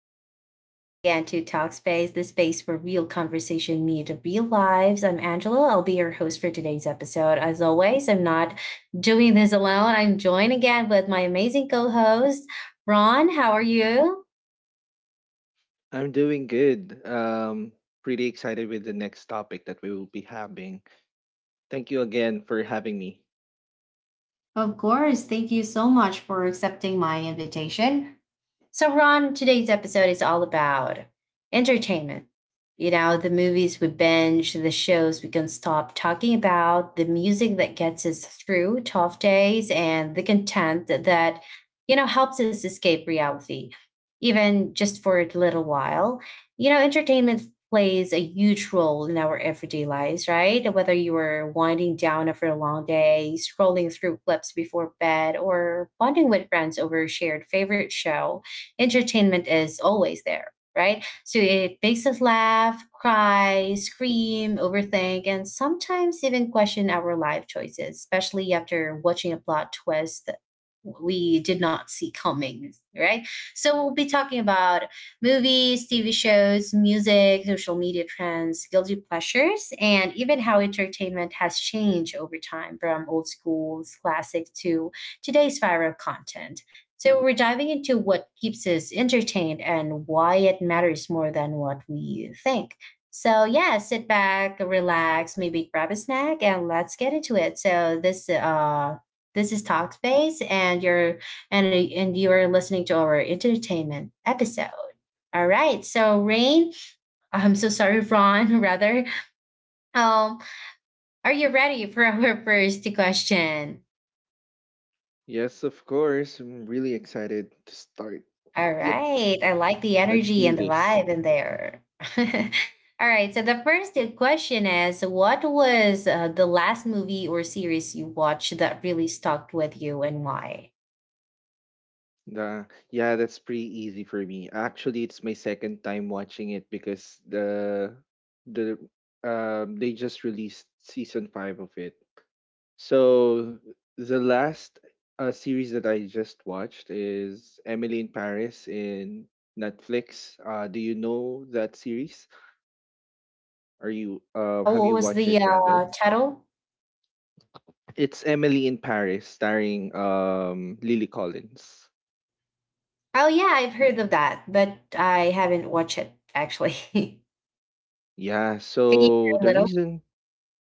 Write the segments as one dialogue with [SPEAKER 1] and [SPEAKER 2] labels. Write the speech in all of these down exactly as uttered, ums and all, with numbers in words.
[SPEAKER 1] And welcome back again to Talkspace, the space for real conversation meet real lives. I'm Angela. I'll be your host for today's episode. As always, I'm not doing this alone. I'm joined again with my amazing co-host, Ron. How are you?
[SPEAKER 2] I'm doing good. Um, pretty excited with the next topic that we will be having. Thank you again for having me.
[SPEAKER 1] Of course, thank you so much for accepting my invitation. So, Ron, today's episode is all about entertainment. You know, the movies we binge, the shows we can stop talking about, the music that gets us through tough days, and the content that, you know, helps us escape reality, even just for a little while. You know, entertainment plays a huge role in our everyday lives, right? Whether you are winding down after a long day, scrolling through clips before bed, or bonding with friends over a shared favorite show entertainment is always there, right? So it makes us laugh, cry, scream, overthink, and sometimes even question our life choices, especially after watching a plot twist that we did not see coming, right? So we'll be talking about movies, T V shows, music, social media trends, guilty pleasures, and even how entertainment has changed over time from old school's classic to today's viral content. So we're diving into what keeps us entertained and why it matters more than what we think. So yeah, sit back, relax, maybe grab a snack, and let's get into it. So this uh this is Talkspace, and you're and and you are listening to our entertainment episode. All right, so Rain, I'm so sorry, Ron. Rather, um, are you ready for our first question?
[SPEAKER 2] Yes, of course. I'm really excited to start.
[SPEAKER 1] All
[SPEAKER 2] Yep.
[SPEAKER 1] right. I like the
[SPEAKER 2] Let's
[SPEAKER 1] energy
[SPEAKER 2] do
[SPEAKER 1] and the
[SPEAKER 2] this.
[SPEAKER 1] vibe in there. All right. So the first question is what was uh, the last movie or series you watched that really stuck with you and why?
[SPEAKER 2] The, yeah, that's pretty easy for me. Actually, it's my second time watching it because the the um they just released season five of it. So the last uh, series that I just watched is Emily in Paris in Netflix. Uh, do you know that series? Are you uh,
[SPEAKER 1] Uh,
[SPEAKER 2] Have
[SPEAKER 1] what
[SPEAKER 2] you
[SPEAKER 1] was
[SPEAKER 2] watched
[SPEAKER 1] the
[SPEAKER 2] it rather?
[SPEAKER 1] uh, title?
[SPEAKER 2] It's Emily in Paris starring um, Lily Collins.
[SPEAKER 1] Oh, yeah, I've heard of that, but I haven't watched it actually.
[SPEAKER 2] Yeah.
[SPEAKER 1] Can you
[SPEAKER 2] So
[SPEAKER 1] hear a
[SPEAKER 2] the
[SPEAKER 1] little?
[SPEAKER 2] reason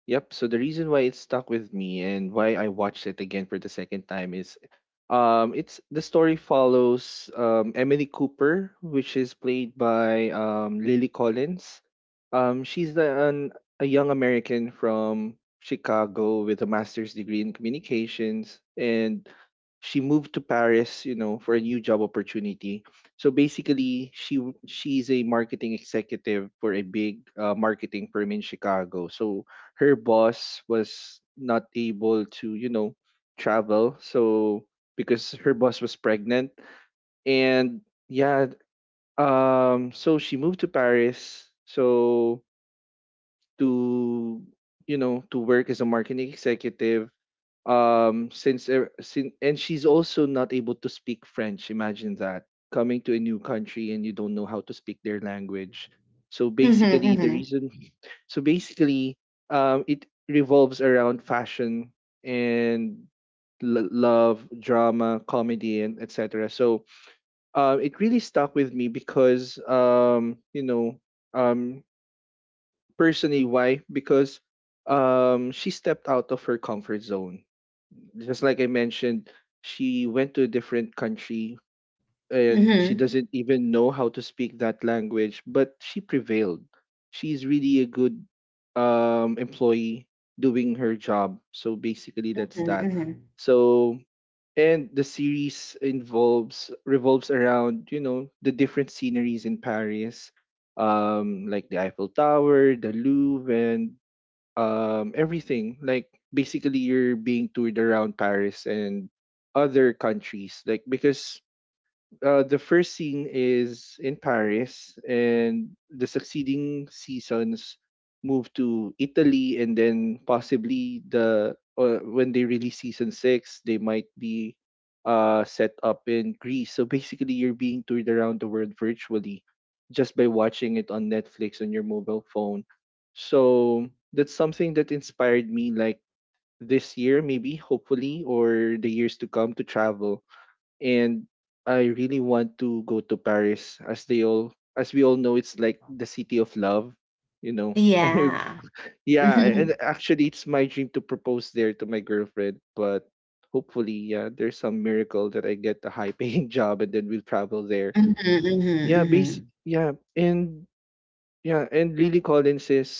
[SPEAKER 2] Yep. So the reason why it stuck with me and why I watched it again for the second time is um it's the story follows um Emily Cooper, which is played by um Lily Collins. Um she's the, an, a young American from Chicago with a master's degree in communications, and she moved to Paris, you know, for a new job opportunity. So basically, she w- she's a marketing executive for a big uh, marketing firm in Chicago. So her boss was not able to, you know, travel. So because her boss was pregnant and yeah, um so she moved to Paris. So to, you know, to work as a marketing executive um since, er- sin and she's also not able to speak French. Imagine that, coming to a new country and you don't know how to speak their language. So
[SPEAKER 1] Mm-hmm,
[SPEAKER 2] basically the
[SPEAKER 1] mm-hmm,
[SPEAKER 2] reason so basically um it revolves around fashion and l- love, drama, comedy, and etc. So uh, it really stuck with me because um you know um personally, why? Because um, she stepped out of her comfort zone. Just like I mentioned, she went to a different country and she
[SPEAKER 1] mm-hmm,
[SPEAKER 2] doesn't even know how to speak that language, but she prevailed. She's really a good um, employee doing her job. So basically, that's
[SPEAKER 1] mm-hmm,
[SPEAKER 2] that.
[SPEAKER 1] mm-hmm.
[SPEAKER 2] So and the series involves revolves around, you know, the different sceneries in Paris, um, like the Eiffel Tower, the Louvre, and um, everything. Like basically, you're being toured around Paris and other countries, like because uh, the first scene is in Paris, and the succeeding seasons move to Italy, and then possibly the uh, when they release season six, they might be uh, set up in Greece. So basically, you're being toured around the world virtually just by watching it on Netflix on your mobile phone. So that's something that inspired me, like this year, maybe, hopefully, or the years to come, to travel. And I really want to go to Paris as they all as we all know, it's like the city of love, you know.
[SPEAKER 1] Yeah.
[SPEAKER 2] yeah, and actually it's my dream to propose there to my girlfriend, but hopefully yeah, there's some miracle that I get a high paying job and then we'll travel there.
[SPEAKER 1] Mm-hmm, mm-hmm,
[SPEAKER 2] Yeah, basic
[SPEAKER 1] mm-hmm,
[SPEAKER 2] yeah, and yeah, and Lily Collins is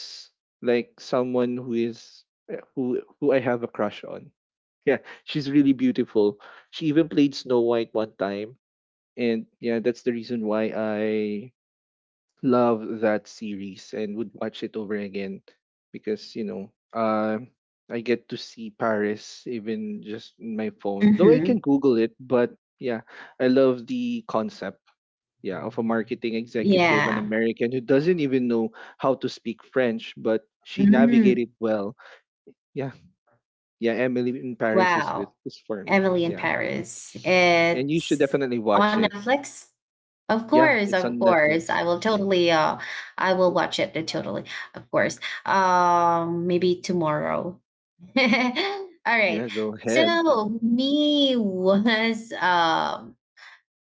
[SPEAKER 2] like someone who is eh, who who I have a crush on. Yeah, she's really beautiful. She even played Snow White one time, and yeah, that's the reason why I love that series and would watch it over again because, you know, uh, I get to see Paris even just in my phone. Though I can
[SPEAKER 1] mm-hmm.
[SPEAKER 2] Google it, but yeah, I love the concept. Yeah, of a marketing executive, an
[SPEAKER 1] Yeah.
[SPEAKER 2] American who doesn't even know how to speak French, but she
[SPEAKER 1] Mm-hmm.
[SPEAKER 2] navigated well. Yeah, yeah, Emily in Paris is with
[SPEAKER 1] Wow.
[SPEAKER 2] is for me.
[SPEAKER 1] Emily in
[SPEAKER 2] Yeah,
[SPEAKER 1] Paris.
[SPEAKER 2] and you should
[SPEAKER 1] It's
[SPEAKER 2] definitely
[SPEAKER 1] on
[SPEAKER 2] watch it.
[SPEAKER 1] Netflix. Of
[SPEAKER 2] Yeah,
[SPEAKER 1] course,
[SPEAKER 2] it's
[SPEAKER 1] of
[SPEAKER 2] on
[SPEAKER 1] course. I
[SPEAKER 2] Netflix.
[SPEAKER 1] will totally uh I will watch it uh, totally, of course. Um, maybe tomorrow. All
[SPEAKER 2] Yeah,
[SPEAKER 1] right.
[SPEAKER 2] go ahead.
[SPEAKER 1] So me was um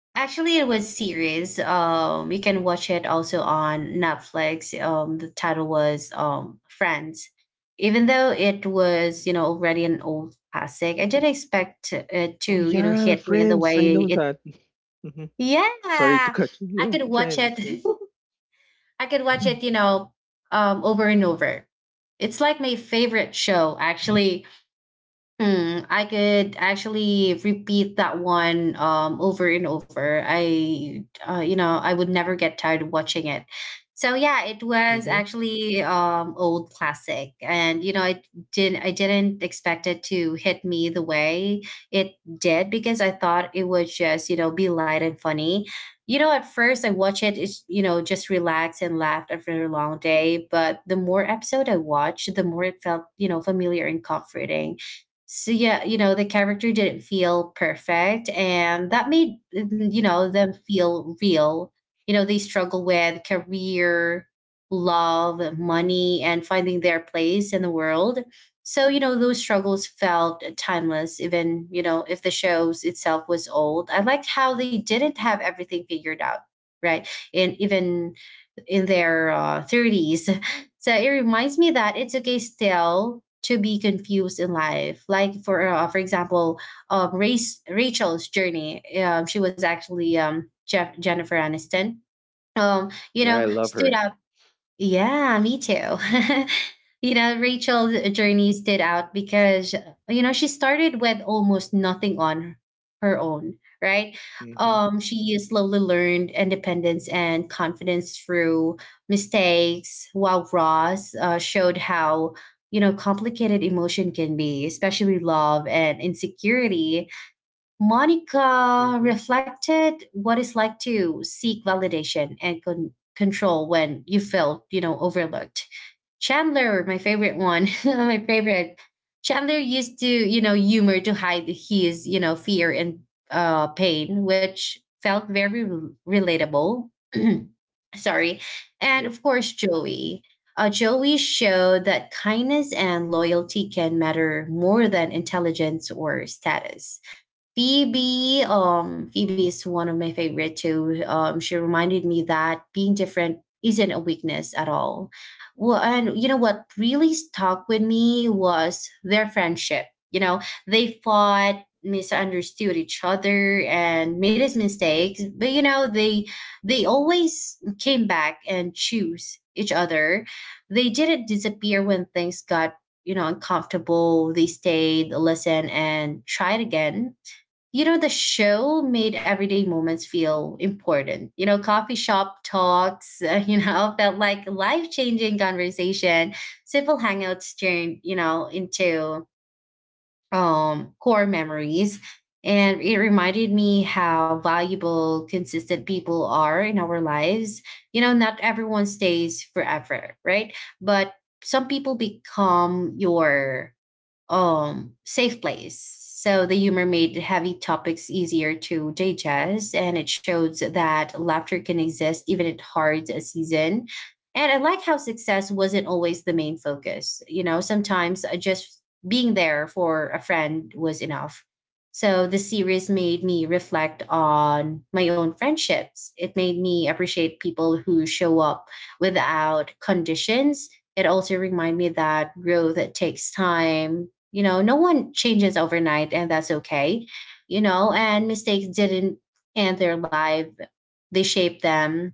[SPEAKER 1] actually, it was series. Um, you can watch it also on Netflix. Um, the title was um Friends. Even though it was, you know, already an old classic, I didn't expect it
[SPEAKER 2] Oh
[SPEAKER 1] to, you know,
[SPEAKER 2] yeah,
[SPEAKER 1] hit me the
[SPEAKER 2] Friends. I
[SPEAKER 1] way
[SPEAKER 2] know
[SPEAKER 1] it.
[SPEAKER 2] that. hmm
[SPEAKER 1] Yeah,
[SPEAKER 2] Sorry to cut you.
[SPEAKER 1] I
[SPEAKER 2] Yeah,
[SPEAKER 1] could watch
[SPEAKER 2] Friends. Yeah.
[SPEAKER 1] it. I could watch
[SPEAKER 2] Mm-hmm.
[SPEAKER 1] it, you know, um, over and over. It's like my favorite show, actually. Mm, I could actually repeat that one um, over and over. I, uh, you know, I would never get tired of watching it. So yeah, it was actually um, old classic, and you know, I didn't, I didn't expect it to hit me the way it did because I thought it would just, you know, be light and funny. You know, at first I watch it, it's, you know, just relax and laughed after a long day. But the more episode I watched, the more it felt, you know, familiar and comforting. So yeah, you know, the character didn't feel perfect, and that made, you
[SPEAKER 2] hmm
[SPEAKER 1] know, them feel real. You know, they struggle with career, love, money, and finding their place in the world. So, you know, those struggles felt timeless, even, you know, if the shows itself was old. I liked how they didn't have everything figured out, right? And even in their uh, thirties. So it reminds me that it's okay still to be confused in life. Like for uh, for example, um, Race, Rachel's journey. Um, she was actually um, Jeff, Jennifer Aniston. Um, you
[SPEAKER 2] Yeah, I
[SPEAKER 1] know,
[SPEAKER 2] love
[SPEAKER 1] stood
[SPEAKER 2] her.
[SPEAKER 1] out. Yeah, me too. You know, Rachel's journey stood out because, you know, she started with almost nothing on her own, right?
[SPEAKER 2] Hmm
[SPEAKER 1] Um, she slowly learned independence and confidence through mistakes, while Ross uh, showed how, you know, complicated emotion can be, especially love and insecurity. Monica
[SPEAKER 2] hmm
[SPEAKER 1] reflected what it's like to seek validation and con- control when you feel, you know, overlooked. Chandler, my favorite one, my favorite. Chandler used to, you know, humor to hide his, you know, fear and uh, pain, which felt very rel- relatable. Sorry. And
[SPEAKER 2] Yep.
[SPEAKER 1] of course, Joey. Uh, Joey showed that kindness and loyalty can matter more than intelligence or status. Phoebe, um, Phoebe is one of my favorite too. Um, she reminded me that being different isn't a weakness at all. Well, and you know what really stuck with me was their friendship. You know, they fought, misunderstood each other, and made us mistakes. But you know, they they always came back and choose each other. They didn't disappear when things got, you know, uncomfortable. They stayed, listened, and tried again. You know, the show made everyday moments feel important. You know, coffee shop talks, uh, you know, felt like life changing conversation. Simple hangouts turned, you know, into um, core memories. And it reminded me how valuable consistent people are in our lives. You know, not everyone stays forever, right? But some people become your um, safe place. So the humor made heavy topics easier to digest, and it shows that laughter can exist even at hard season. And I like how success wasn't always the main focus. You know, sometimes uh, just being there for a friend was enough. So the series made me reflect on my own friendships. It made me appreciate people who show up without conditions. It also reminded me that growth takes time. You know, no one changes overnight, and that's okay. You know, and mistakes didn't end their life, they shaped them.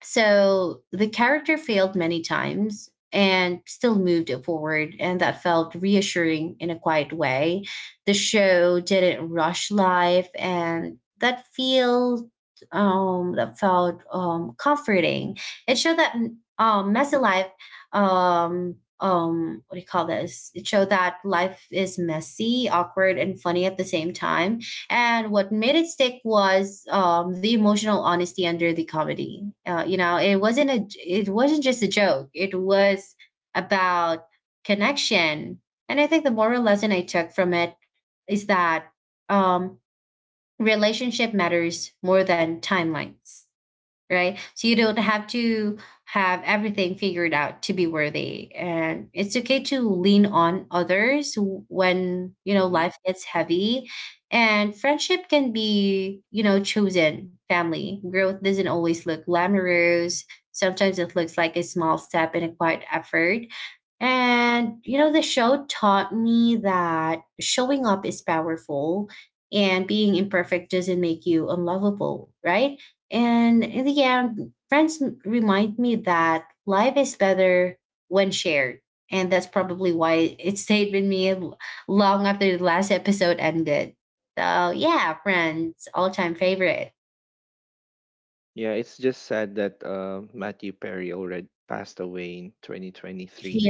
[SPEAKER 1] So the character failed many times and still moved it forward, and that felt reassuring in a quiet way. The show didn't rush life, and that feel um, that felt um, comforting. It showed that mm, um, messy life. Um, um, what do you call this? It showed that life is messy, awkward, and funny at the same time, and what made it stick was um, the emotional honesty under the comedy. Uh, you know, it wasn't a it wasn't just a joke. It was about connection. And I think the moral lesson I took from it is that um, relationship matters more than timelines, right? So you don't have to have everything figured out to be worthy. And it's okay to lean on others when, you know, life gets heavy. And friendship can be, you know, chosen family. Growth doesn't always look glamorous. Sometimes it looks like a small step and a quiet effort. And, you know, the show taught me that showing up is powerful and being imperfect doesn't make you unlovable, right? And in the end, friends m- remind me that life is better when shared. And that's probably why it stayed with me l- long after the last episode ended. So, yeah, friends, all time favorite.
[SPEAKER 2] Yeah, it's just sad that uh, Matthew Perry already passed away in twenty twenty-three.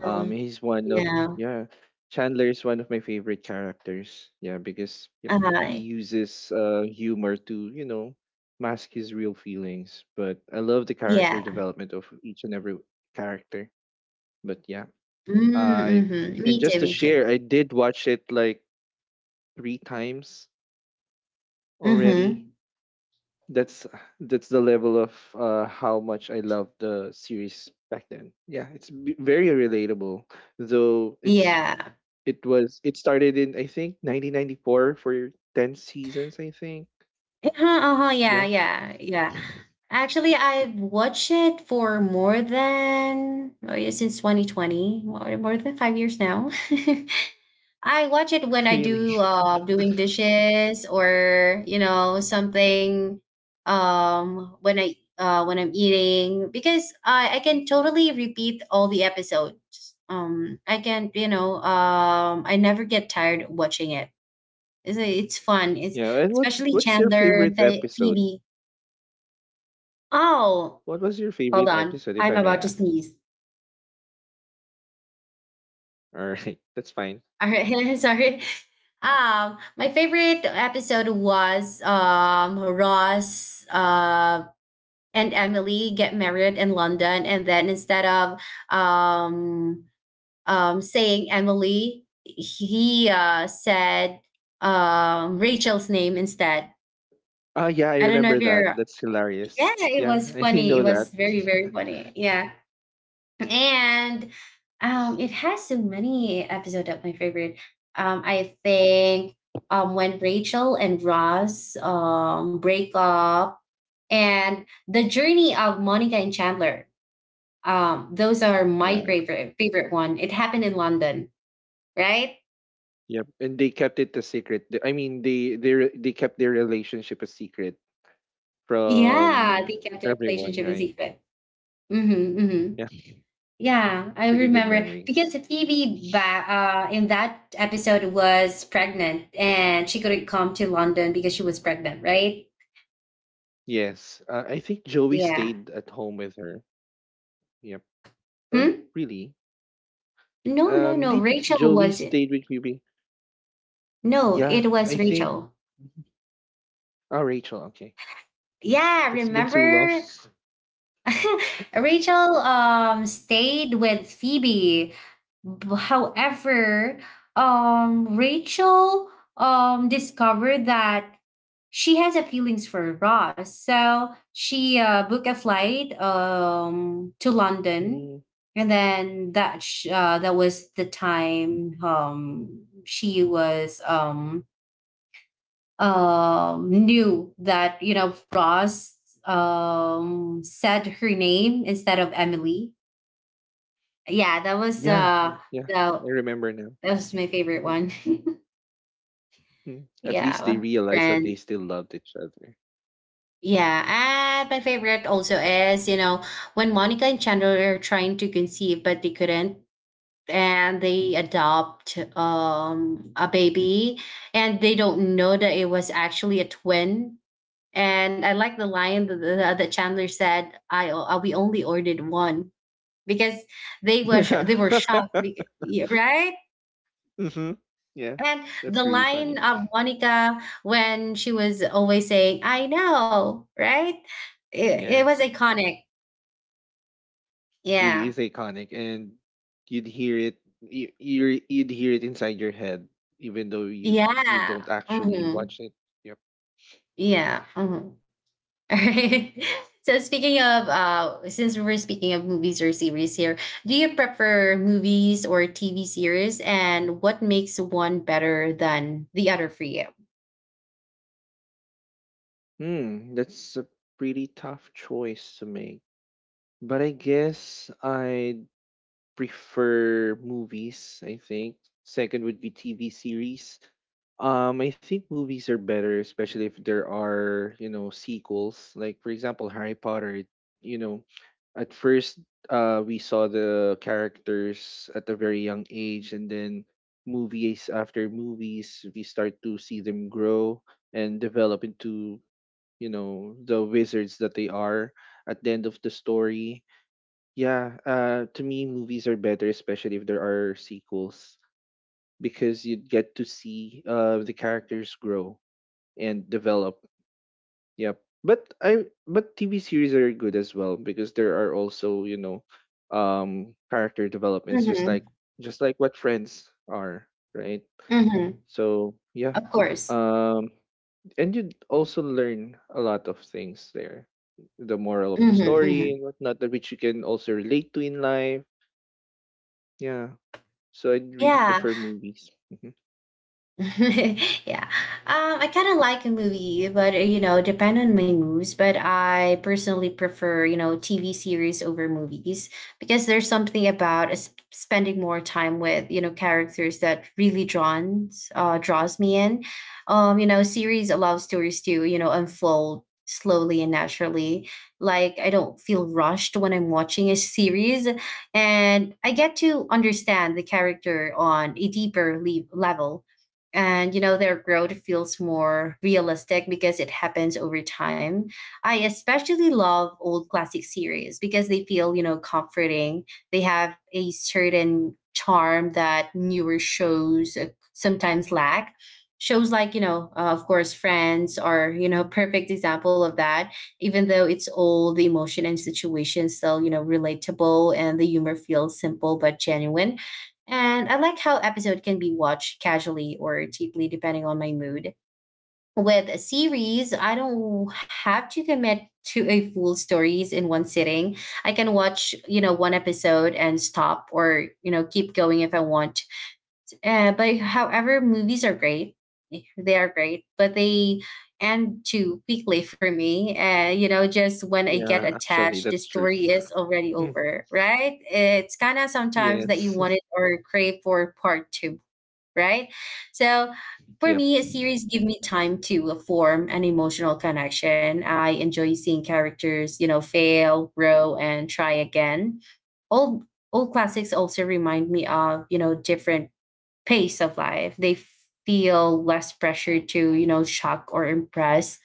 [SPEAKER 2] Um, he's one of
[SPEAKER 1] Yeah.
[SPEAKER 2] yeah, Chandler is one of my favorite characters. Yeah, because yep,
[SPEAKER 1] Uh,
[SPEAKER 2] he uses uh humor to, you know, mask his real feelings. But I love the character
[SPEAKER 1] yeah.
[SPEAKER 2] development of each and every character. But yeah, I
[SPEAKER 1] Mm, hmm Me
[SPEAKER 2] and
[SPEAKER 1] too.
[SPEAKER 2] just to
[SPEAKER 1] Me too.
[SPEAKER 2] share, I did watch it like three times already.
[SPEAKER 1] Mm-hmm.
[SPEAKER 2] That's that's the level of uh, how much I love the series back then. Yeah, it's b- very relatable. Though it's
[SPEAKER 1] Yeah.
[SPEAKER 2] It was, it started in I think nineteen ninety-four for ten seasons, I think.
[SPEAKER 1] Uh-huh, uh-huh, yeah,
[SPEAKER 2] Yeah,
[SPEAKER 1] yeah, yeah. Actually, I've watched it for more than oh yeah, since twenty twenty, more more than five years now. I watch it when I
[SPEAKER 2] really.
[SPEAKER 1] do uh, doing dishes or you know something um when I uh, when I'm eating because I I can totally repeat all the episodes. Um, I can you know um I never get tired watching it. It's it's fun. It's
[SPEAKER 2] Yeah, and what
[SPEAKER 1] especially
[SPEAKER 2] what's your
[SPEAKER 1] Chandler,
[SPEAKER 2] favorite
[SPEAKER 1] Phe-
[SPEAKER 2] episode?
[SPEAKER 1] Phoebe. Oh,
[SPEAKER 2] What was your
[SPEAKER 1] hold
[SPEAKER 2] favorite
[SPEAKER 1] on.
[SPEAKER 2] episode if
[SPEAKER 1] I'm
[SPEAKER 2] I may
[SPEAKER 1] about to
[SPEAKER 2] ask?
[SPEAKER 1] sneeze.
[SPEAKER 2] All right, that's fine.
[SPEAKER 1] All right, sorry. Um, my favorite episode was um Ross uh and Emily get married in London, and then instead of um um saying Emily, he uh said um Rachel's name instead.
[SPEAKER 2] Oh yeah, I
[SPEAKER 1] I don't know if
[SPEAKER 2] remember that.
[SPEAKER 1] you're.
[SPEAKER 2] That's
[SPEAKER 1] Yeah,
[SPEAKER 2] hilarious.
[SPEAKER 1] it
[SPEAKER 2] Yeah,
[SPEAKER 1] was
[SPEAKER 2] I
[SPEAKER 1] funny. It
[SPEAKER 2] know
[SPEAKER 1] was
[SPEAKER 2] that.
[SPEAKER 1] very very funny. Yeah. And um, it has so many episodes of my favorite. Um, I think um, when Rachel and Ross um, break up, and the journey of Monica and Chandler. Um, those are my
[SPEAKER 2] Yeah.
[SPEAKER 1] favorite favorite one. It happened in London, right?
[SPEAKER 2] Yep. And they kept it a secret. Th- I mean, they they re- they kept their relationship a secret
[SPEAKER 1] Yeah,
[SPEAKER 2] from
[SPEAKER 1] they kept their
[SPEAKER 2] everyone,
[SPEAKER 1] relationship a
[SPEAKER 2] right?
[SPEAKER 1] secret. Hmm. Hmm.
[SPEAKER 2] Yeah.
[SPEAKER 1] Yeah, I
[SPEAKER 2] Pretty good
[SPEAKER 1] remember because
[SPEAKER 2] memories.
[SPEAKER 1] Phoebe ba- uh, in that episode was pregnant and she couldn't come to London because she was pregnant, right?
[SPEAKER 2] Yes. Uh, I think Joey
[SPEAKER 1] Yeah.
[SPEAKER 2] stayed at home with her. Yep. Or
[SPEAKER 1] Hmm?
[SPEAKER 2] really?
[SPEAKER 1] No, no,
[SPEAKER 2] Um,
[SPEAKER 1] no.
[SPEAKER 2] did
[SPEAKER 1] Rachel
[SPEAKER 2] Joey
[SPEAKER 1] was it.
[SPEAKER 2] stayed with Ruby?
[SPEAKER 1] No,
[SPEAKER 2] Yeah,
[SPEAKER 1] it was
[SPEAKER 2] I think.
[SPEAKER 1] Rachel.
[SPEAKER 2] Oh, Rachel. Okay,
[SPEAKER 1] Yeah,
[SPEAKER 2] it's been too long.
[SPEAKER 1] remember? Rachel um stayed with Phoebe. B- However, um Rachel um discovered that she has a feelings for Ross. So she uh, booked a flight um to London,
[SPEAKER 2] Mm,
[SPEAKER 1] and then that sh- uh, that was the time um she was um um, knew that you know Ross um, said her name instead of Emily. Yeah, that was
[SPEAKER 2] yeah, yeah,
[SPEAKER 1] uh,
[SPEAKER 2] yeah,
[SPEAKER 1] the
[SPEAKER 2] I remember now.
[SPEAKER 1] that was my favorite
[SPEAKER 2] Mhm,
[SPEAKER 1] one.
[SPEAKER 2] mm, at least they
[SPEAKER 1] Yeah,
[SPEAKER 2] realized that they
[SPEAKER 1] friend.
[SPEAKER 2] still loved each other.
[SPEAKER 1] Yeah, and my favorite also is you know when Monica and Chandler are trying to conceive but they couldn't, and they adopt um, a baby, and they don't know that it was actually a twin. And I like the line that, that that Chandler said, "I uh, we only ordered one because they were sh-
[SPEAKER 2] Yeah.
[SPEAKER 1] they were shocked, be- yeah, right?"
[SPEAKER 2] hmm Yeah,
[SPEAKER 1] And the
[SPEAKER 2] that's really
[SPEAKER 1] line
[SPEAKER 2] funny.
[SPEAKER 1] of Monica when she was always saying, "I know," right? It, it was
[SPEAKER 2] Yes,
[SPEAKER 1] iconic.
[SPEAKER 2] really
[SPEAKER 1] Yeah,
[SPEAKER 2] is iconic, and you'd hear it. You, you you'd hear it inside your head, even though you you don't
[SPEAKER 1] yeah,
[SPEAKER 2] actually
[SPEAKER 1] hmm
[SPEAKER 2] watch it. Yep.
[SPEAKER 1] yeah. hmm Alright. So speaking of uh since we we're speaking of movies or series here, do you prefer movies or T V series, and what makes one better than the other for you?
[SPEAKER 2] Hmm, that's a pretty tough choice to make. But I guess I prefer movies, I think. Second would be T V series. Um, I think movies are better, especially if there are, you know, sequels. Like, for example, Harry Potter, you know, at first uh, we saw the characters at a very young age, and then movies after movies, we start to see them grow and develop into, you know, the wizards that they are at the end of the story. Yeah, uh, to me, movies are better, especially if there are sequels, because you get to see uh, the characters grow and develop. Yep. But I but T V series are good as well because there are also, you know, um, character developments, just like
[SPEAKER 1] Mhm.
[SPEAKER 2] just like what Friends are, right?
[SPEAKER 1] Mhm.
[SPEAKER 2] So yeah,
[SPEAKER 1] Of course.
[SPEAKER 2] um, and you also learn a lot of things there, the moral of the
[SPEAKER 1] Mhm.
[SPEAKER 2] story and
[SPEAKER 1] Mhm.
[SPEAKER 2] whatnot, that which you can also relate to in life. Yeah. So I'd really
[SPEAKER 1] Yeah.
[SPEAKER 2] prefer movies. Mhm.
[SPEAKER 1] Yeah. Um, I kind of like a movie, but uh, you know, depend on my moods. But I personally prefer, you know, T V series over movies because there's something about s- spending more time with, you know, characters that really draws uh, draws me in. Um, you know, series allow stories to, you know, unfold slowly and naturally. Like, I don't feel rushed when I'm watching a series, and I get to understand the character on a deeper le- level, and you know their growth feels more realistic because it happens over time. I especially love old classic series because they feel, you know, comforting. They have a certain charm that newer shows uh, sometimes lack. Shows like, you know, uh, of course Friends are, you know, perfect example of that. Even though it's old, the emotion and situation still, you know, relatable, and the humor feels simple but genuine. And I like how episode can be watched casually or deeply depending on my mood. With a series, I don't have to commit to a full stories in one sitting. I can watch, you know, one episode and stop, or, you know, keep going if I want. Uh, but however, movies are great. They are great, but they end too quickly for me. Uh, you know, just when I get
[SPEAKER 2] Yeah, actually,
[SPEAKER 1] attached, the
[SPEAKER 2] that's true.
[SPEAKER 1] story is already
[SPEAKER 2] Mhm.
[SPEAKER 1] over, right? It's kind of sometimes that you
[SPEAKER 2] Yes.
[SPEAKER 1] wanted or crave for part two, right? So for
[SPEAKER 2] Yep.
[SPEAKER 1] me, a series give me time to form an emotional connection. I enjoy seeing characters, you know, fail, grow, and try again. Old Old classics also remind me of, you know, different pace of life. They feel less pressure to, you know, shock or impress.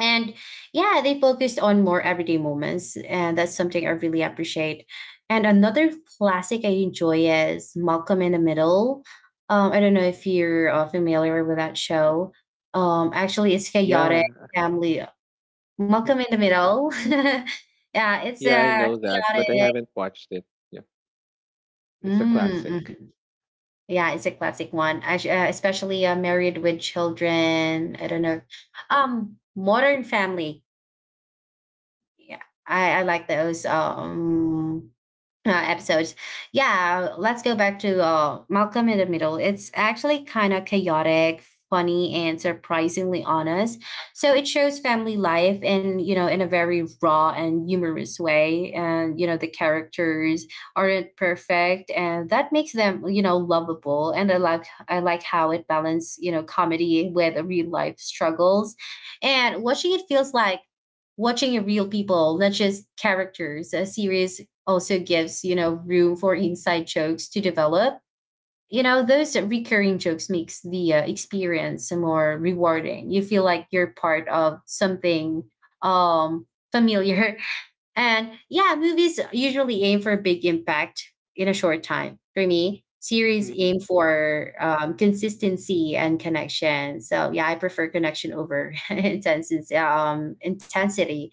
[SPEAKER 1] And yeah, they focused on more everyday moments. And that's something I really appreciate. And another classic I enjoy is Malcolm in the Middle. Um, I don't know if you're uh, familiar with that show. Um, actually, it's chaotic
[SPEAKER 2] Yeah.
[SPEAKER 1] family. Malcolm
[SPEAKER 2] Mhm.
[SPEAKER 1] in the Middle. Yeah, it's a
[SPEAKER 2] Yeah, I know that,
[SPEAKER 1] chaotic.
[SPEAKER 2] but I haven't watched it. Yeah.
[SPEAKER 1] Mm,
[SPEAKER 2] It's a classic.
[SPEAKER 1] mm-hmm. Yeah, it's a classic one. Actu- uh, especially uh, married with children. I don't know. Um, Modern family. Yeah, I, I like those. Um, uh, episodes. Yeah, let's go back to uh, Malcolm in the Middle. It's actually kind of chaotic, funny, and surprisingly honest. So it shows family life in, you know, in a very raw and humorous way. And you know the characters aren't perfect, and that makes them, you know, lovable. And I like I like how it balances, you know, comedy with real life struggles, and watching it feels like watching a real people, not just characters. A series also gives, you know, room for inside jokes to develop. You know, those recurring jokes makes the uh, experience more rewarding. You feel like you're part of something um familiar. And yeah, movies usually aim for a big impact in a short time. For me, series
[SPEAKER 2] Hmm
[SPEAKER 1] aim for um, consistency and connection. So yeah, I prefer connection over intense um, intensity.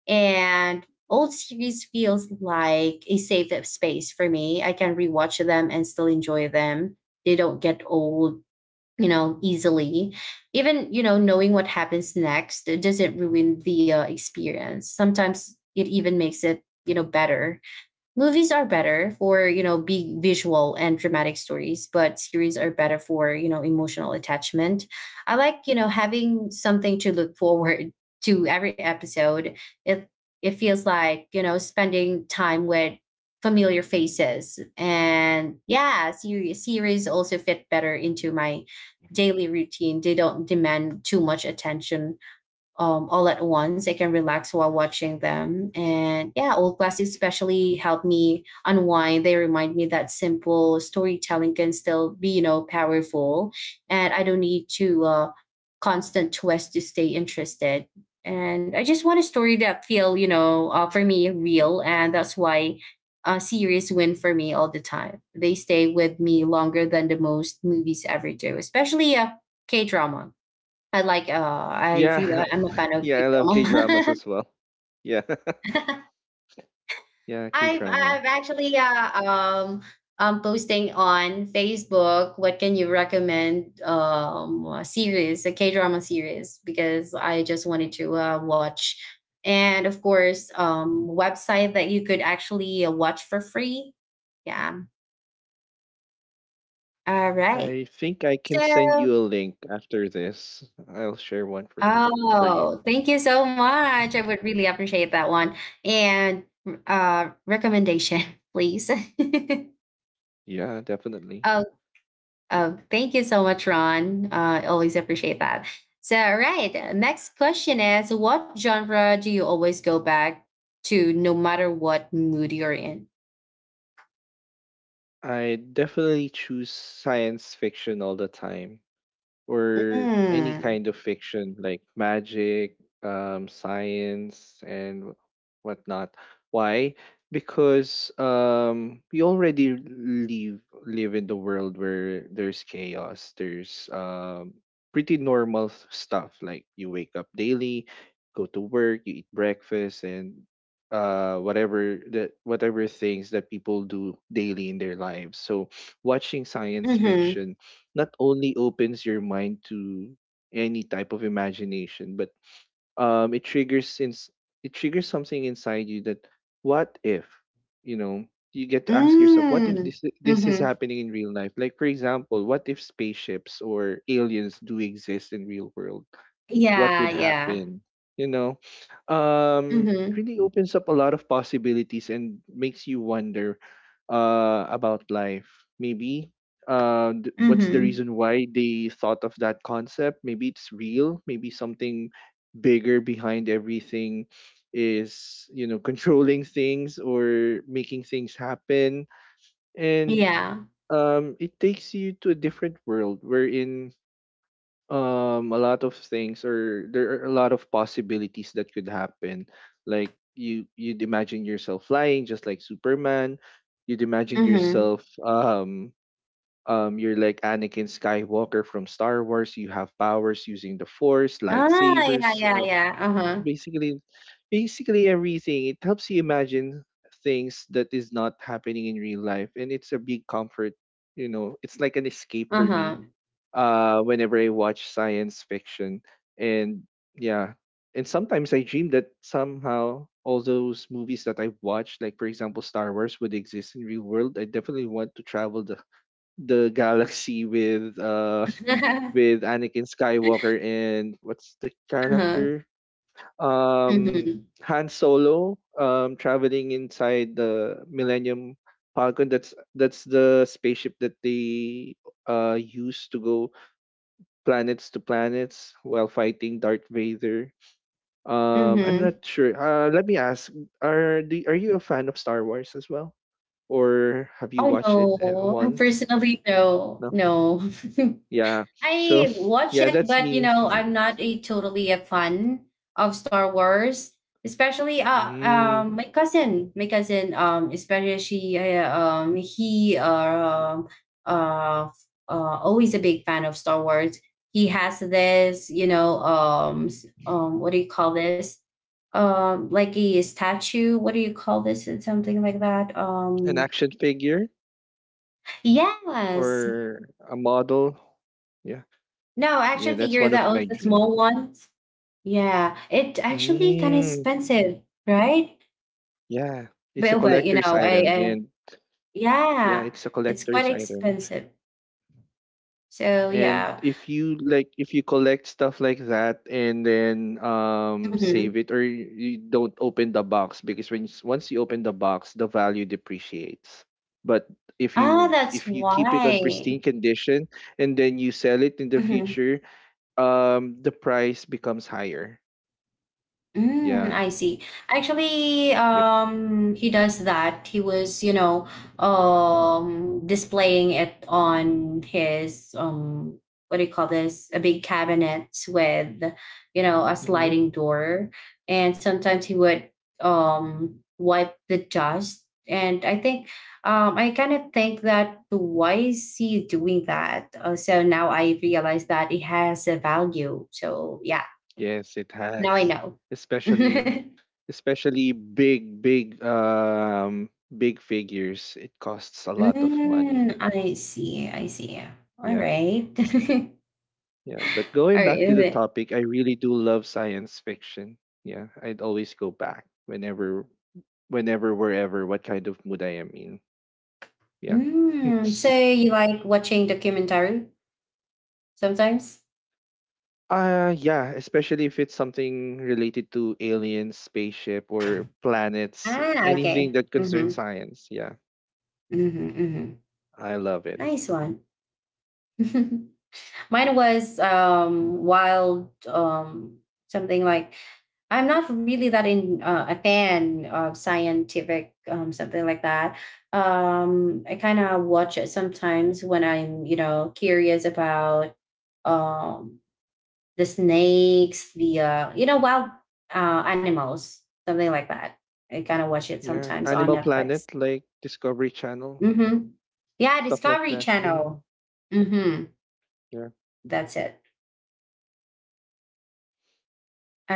[SPEAKER 1] And old series feels like a safe space for me. I can rewatch them and still enjoy them. They don't get old, you know, easily. Even, you know, knowing what happens next, it doesn't ruin the uh, experience. Sometimes it even makes it, you know, better. Movies are better for, you know, big visual and dramatic stories, but series are better for, you know, emotional attachment. I like, you know, having something to look forward to every episode. it it feels like, you know, spending time with familiar faces. And yeah, series series also fit better into my daily routine. They don't demand too much attention um, all at once. I can relax while watching them. And yeah, old classics especially help me unwind. They remind me that simple storytelling can still be, you know, powerful. And I don't need to uh, constant twist to stay interested. And I just want a story that feel, you know, uh, for me real. And that's why uh, series win for me all the time. They stay with me longer than the most movies ever do, especially uh, K drama. I like, uh, I feel
[SPEAKER 2] Yeah.
[SPEAKER 1] I I'm a fan of
[SPEAKER 2] yeah, I love K
[SPEAKER 1] K-drama.
[SPEAKER 2] dramas as well. Yeah. yeah, K
[SPEAKER 1] I've
[SPEAKER 2] drama.
[SPEAKER 1] I've actually uh, um um posting on Facebook what can you recommend um a series, a K-drama series, because I just wanted to uh, watch, and of course um website that you could actually uh, watch for free. Yeah. All right.
[SPEAKER 2] I think I can send
[SPEAKER 1] So,
[SPEAKER 2] you a link after this. I'll share one from you for you.
[SPEAKER 1] oh, thank you so much. I would really appreciate that one. And uh recommendation, please.
[SPEAKER 2] Yeah, definitely.
[SPEAKER 1] Oh, oh, thank you so much, Ron. Uh, I always appreciate that. So, all right. uh, Next question is, what genre do you always go back to no matter what mood you're in?
[SPEAKER 2] I definitely choose science fiction all the time, or any
[SPEAKER 1] Mm.
[SPEAKER 2] kind of fiction like magic, um, science, and whatnot. Why? Because um, we already live live in the world where there's chaos. There's um, pretty normal s- stuff like you wake up daily, go to work, you eat breakfast, and uh whatever the whatever things that people do daily in their lives. So watching science
[SPEAKER 1] Mm-hmm.
[SPEAKER 2] fiction not only opens your mind to any type of imagination, but um, it triggers since it triggers something inside you, that what if, you know, you get to ask yourself, what if
[SPEAKER 1] Mm.
[SPEAKER 2] this this is
[SPEAKER 1] Mm-hmm.
[SPEAKER 2] happening in real life? Like for example, what if spaceships or aliens do exist in real world, what
[SPEAKER 1] Yeah,
[SPEAKER 2] would
[SPEAKER 1] yeah.
[SPEAKER 2] happen? You know, um it
[SPEAKER 1] Mm-hmm.
[SPEAKER 2] really opens up a lot of possibilities and makes you wonder uh about life. Maybe uh th- what's the
[SPEAKER 1] Mm-hmm.
[SPEAKER 2] reason why they thought of that concept? Maybe it's real, maybe something bigger behind everything is, you know, controlling things or making things happen. And
[SPEAKER 1] Yeah.
[SPEAKER 2] um It takes you to a different world wherein um a lot of things, or there are a lot of possibilities that could happen. Like you you'd imagine yourself flying just like Superman. You'd imagine
[SPEAKER 1] Mm-hmm.
[SPEAKER 2] yourself um um you're like Anakin Skywalker from Star Wars, you have powers using the Force,
[SPEAKER 1] Ah, yeah,
[SPEAKER 2] lightsabers,
[SPEAKER 1] yeah,
[SPEAKER 2] uh,
[SPEAKER 1] yeah, uh-huh,
[SPEAKER 2] basically basically everything. It helps you imagine things that is not happening in real life, and it's a big comfort. You know, it's like an escape for me
[SPEAKER 1] uh-huh.
[SPEAKER 2] uh, whenever I watch science fiction. And yeah, and sometimes I dream that somehow all those movies that I watched, like for example Star Wars, would exist in real world. I definitely want to travel the the galaxy with uh with Anakin Skywalker and what's the
[SPEAKER 1] Uh-huh,
[SPEAKER 2] character? Um,
[SPEAKER 1] mhm,
[SPEAKER 2] Han Solo. Um, traveling inside the Millennium Falcon. That's that's the spaceship that they uh used to go planets to planets while fighting Darth Vader. Um, I'm
[SPEAKER 1] mhm.
[SPEAKER 2] not sure. Uh, let me ask: Are do, are you a fan of Star Wars as well, or have you watched it uh,
[SPEAKER 1] Oh, no.
[SPEAKER 2] once?
[SPEAKER 1] Personally, no,
[SPEAKER 2] No.
[SPEAKER 1] no.
[SPEAKER 2] Yeah. So
[SPEAKER 1] I watch
[SPEAKER 2] yeah,
[SPEAKER 1] it,
[SPEAKER 2] that's
[SPEAKER 1] but you
[SPEAKER 2] me.
[SPEAKER 1] know, I'm not a totally a fan of Star Wars. Especially, uh,
[SPEAKER 2] Mm,
[SPEAKER 1] um, my cousin, my cousin, um, especially she, uh, um, he, uh, uh, uh, always a big fan of Star Wars. He has this, you know, um, s- um, what do you call this? Um, like a statue. What do you call this? It's something like that.
[SPEAKER 2] an
[SPEAKER 1] Um,
[SPEAKER 2] action figure
[SPEAKER 1] yes.
[SPEAKER 2] or a model. Yeah.
[SPEAKER 1] No, action
[SPEAKER 2] Yeah, that's
[SPEAKER 1] figure
[SPEAKER 2] one
[SPEAKER 1] that
[SPEAKER 2] of my
[SPEAKER 1] was a
[SPEAKER 2] dreams.
[SPEAKER 1] small one. Yeah, it actually kind of
[SPEAKER 2] Mm,
[SPEAKER 1] expensive, right?
[SPEAKER 2] yeah, it's a
[SPEAKER 1] But, but you
[SPEAKER 2] collector's
[SPEAKER 1] know, I,
[SPEAKER 2] item,
[SPEAKER 1] I
[SPEAKER 2] and yeah,
[SPEAKER 1] yeah,
[SPEAKER 2] it's a
[SPEAKER 1] it's quite
[SPEAKER 2] collector's item.
[SPEAKER 1] expensive. So
[SPEAKER 2] And
[SPEAKER 1] yeah.
[SPEAKER 2] if you like, if you collect stuff like that and then um
[SPEAKER 1] Hmm.
[SPEAKER 2] save it, or you you don't open the box because when s- once you open the box, the value depreciates. But if
[SPEAKER 1] Ah,
[SPEAKER 2] you
[SPEAKER 1] that's
[SPEAKER 2] if you keep it on
[SPEAKER 1] why.
[SPEAKER 2] pristine condition and then you sell it in the
[SPEAKER 1] Mm-hmm.
[SPEAKER 2] future, um, the price becomes higher.
[SPEAKER 1] Mm,
[SPEAKER 2] Yeah.
[SPEAKER 1] I see. Actually,
[SPEAKER 2] Yep.
[SPEAKER 1] um, he does that. He was, you know, um, displaying it on his, um, what do you call this? A big cabinet with, you know, a
[SPEAKER 2] Hmm.
[SPEAKER 1] sliding door. And sometimes he would, um, wipe the dust. And I think, um, I kind of think that why is he doing that? Uh, so now I realize that it has a value. So yeah,
[SPEAKER 2] Yes, it
[SPEAKER 1] now I
[SPEAKER 2] has.
[SPEAKER 1] know.
[SPEAKER 2] Especially especially big big um big figures, it costs a lot of money.
[SPEAKER 1] Mm, I see. I see. All
[SPEAKER 2] Yeah,
[SPEAKER 1] right.
[SPEAKER 2] yeah. But
[SPEAKER 1] All
[SPEAKER 2] going back to the
[SPEAKER 1] right.
[SPEAKER 2] topic, I really do love science fiction. Yeah, I'd always go back whenever, whenever, wherever, what kind of mood I am in. Yeah.
[SPEAKER 1] Mm, so you like watching documentary sometimes?
[SPEAKER 2] Uh, yeah, especially if it's something related to aliens, spaceship, or planets,
[SPEAKER 1] Ah, okay.
[SPEAKER 2] anything that
[SPEAKER 1] Mm-hmm.
[SPEAKER 2] concerns science. Yeah,
[SPEAKER 1] Mm-hmm. Mm-hmm.
[SPEAKER 2] I love it.
[SPEAKER 1] Nice one. Mine was um wild um something like I'm not really that in uh, a fan of scientific um, something like that. Um, I kind of watch it sometimes when I'm, you know, curious about um, the snakes, the uh, you know wild uh, animals, something like that. I kind of watch it
[SPEAKER 2] Yeah,
[SPEAKER 1] sometimes on
[SPEAKER 2] Animal
[SPEAKER 1] Netflix.
[SPEAKER 2] Planet, like Discovery Channel,
[SPEAKER 1] Hmm. Yeah,
[SPEAKER 2] stuff like
[SPEAKER 1] Discovery
[SPEAKER 2] that. Mm,
[SPEAKER 1] Channel. Hmm.
[SPEAKER 2] yeah,
[SPEAKER 1] That's it.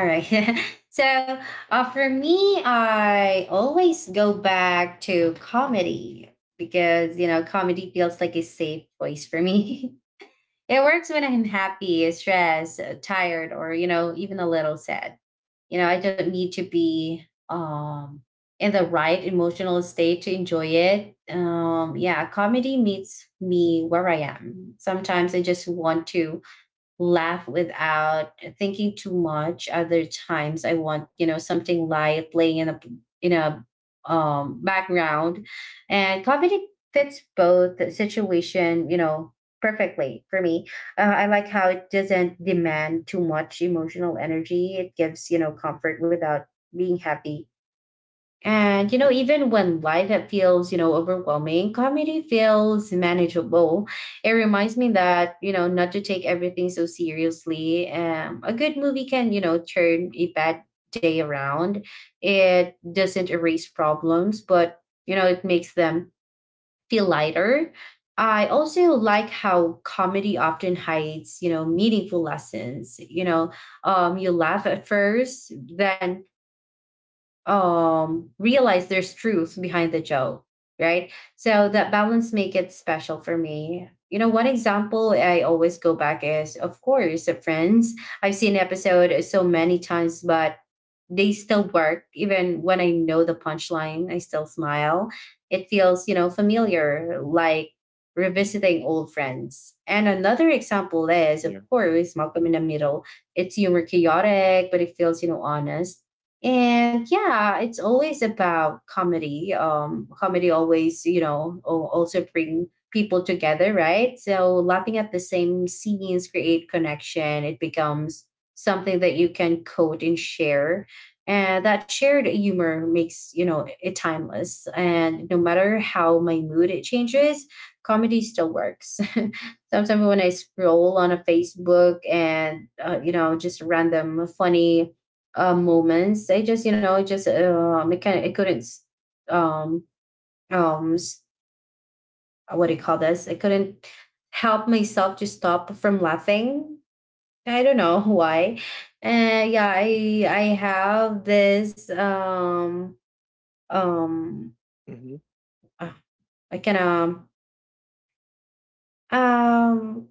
[SPEAKER 1] All right. So uh, for me, I always go back to comedy because, you know, comedy feels like a safe place for me. It works when I'm happy, stressed, uh, tired, or, you know, even a little sad. You know, I don't need to be um, in the right emotional state to enjoy it. Um, yeah, comedy meets me where I am. Sometimes I just want to laugh without thinking too much. Other times I want, you know, something light playing in a in a um, background. And comedy fits both the situation, you know, perfectly for me. Uh, I like how it doesn't demand too much emotional energy. It gives, you know, comfort without being happy. And, you know, even when life that feels, you know, overwhelming, comedy feels manageable. It reminds me that, you know, not to take everything so seriously. Um, a good movie can, you know, turn a bad day around. It doesn't erase problems, but, you know, it makes them feel lighter. I also like how comedy often hides, you know, meaningful lessons. You know, um, you laugh at first, then um realize there's truth behind the joke, right? So that balance make it special for me. You know, one example I always go back is of course the Friends. I've seen episode so many times, but they still work. Even when I know the punchline, I still smile. It feels, you know, familiar, like
[SPEAKER 2] mm,
[SPEAKER 1] revisiting old friends. And another example is, of
[SPEAKER 2] yeah,
[SPEAKER 1] course, Malcolm in the Middle. It's humor chaotic, but it feels, you know, honest. And yeah, it's always about comedy. um comedy always, you know, al- also bring people together, right? So laughing at the same scenes create connection. It becomes something that you can quote and share, and that shared humor makes, you know, it timeless. And no matter how my mood it changes, comedy still works. Sometimes when I scroll on a Facebook and uh, you know, just random funny uh, moments. I just, you know, it just um, it kind of, it couldn't um um s- what do you call this? I couldn't help myself to stop from laughing. I don't know why. Uh, yeah, I I have this um um
[SPEAKER 2] mm-hmm,
[SPEAKER 1] uh, I can um um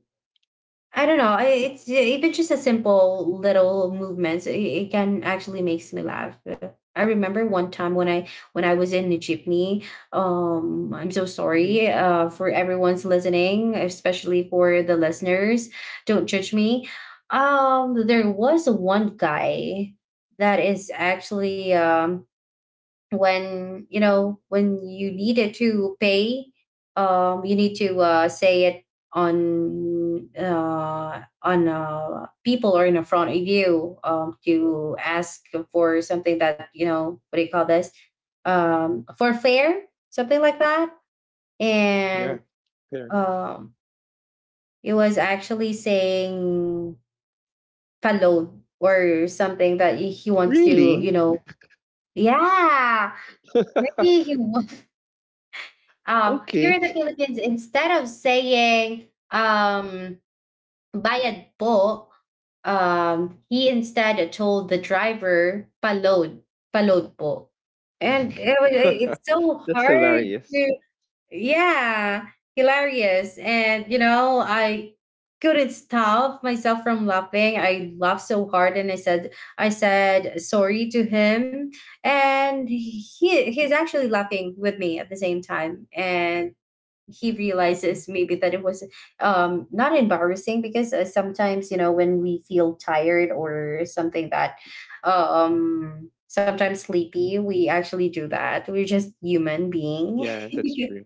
[SPEAKER 1] I don't know. I- It's even just a simple little movements. It, it can actually makes me laugh. I remember one time when I when I was in the jeepney. Um, I'm so
[SPEAKER 2] mm-hmm,
[SPEAKER 1] sorry uh, for everyone's listening, especially for the listeners. Don't judge me. Um, there was one guy that is actually um when, you know, when you needed to pay, um you need to uh say it on uh on uh people or in front of you, um to ask for something that, you know, what do you call this? Um for fair, something like that.
[SPEAKER 2] yeah.
[SPEAKER 1] And
[SPEAKER 2] Fair.
[SPEAKER 1] um it was actually saying palod or something that he he wants to, you
[SPEAKER 2] Really?
[SPEAKER 1] know. Yeah, maybe he. Um, here in the
[SPEAKER 2] Okay.
[SPEAKER 1] Philippines, instead of saying um, bayad po, um, he instead told the driver palod, palod po. And it, wa- it's so
[SPEAKER 2] That's
[SPEAKER 1] hard
[SPEAKER 2] hilarious.
[SPEAKER 1] to, yeah, hilarious. And, you know, I couldn't stop myself from laughing. I laughed so hard and I said, I said sorry to him, and he he's actually laughing with me at the same time. And he
[SPEAKER 2] Mhm.
[SPEAKER 1] realizes maybe that it was, um, not embarrassing, because, uh, sometimes, you know, when we feel tired or something, that um, sometimes sleepy, we actually do that. We're just human being.
[SPEAKER 2] Yeah, that's true.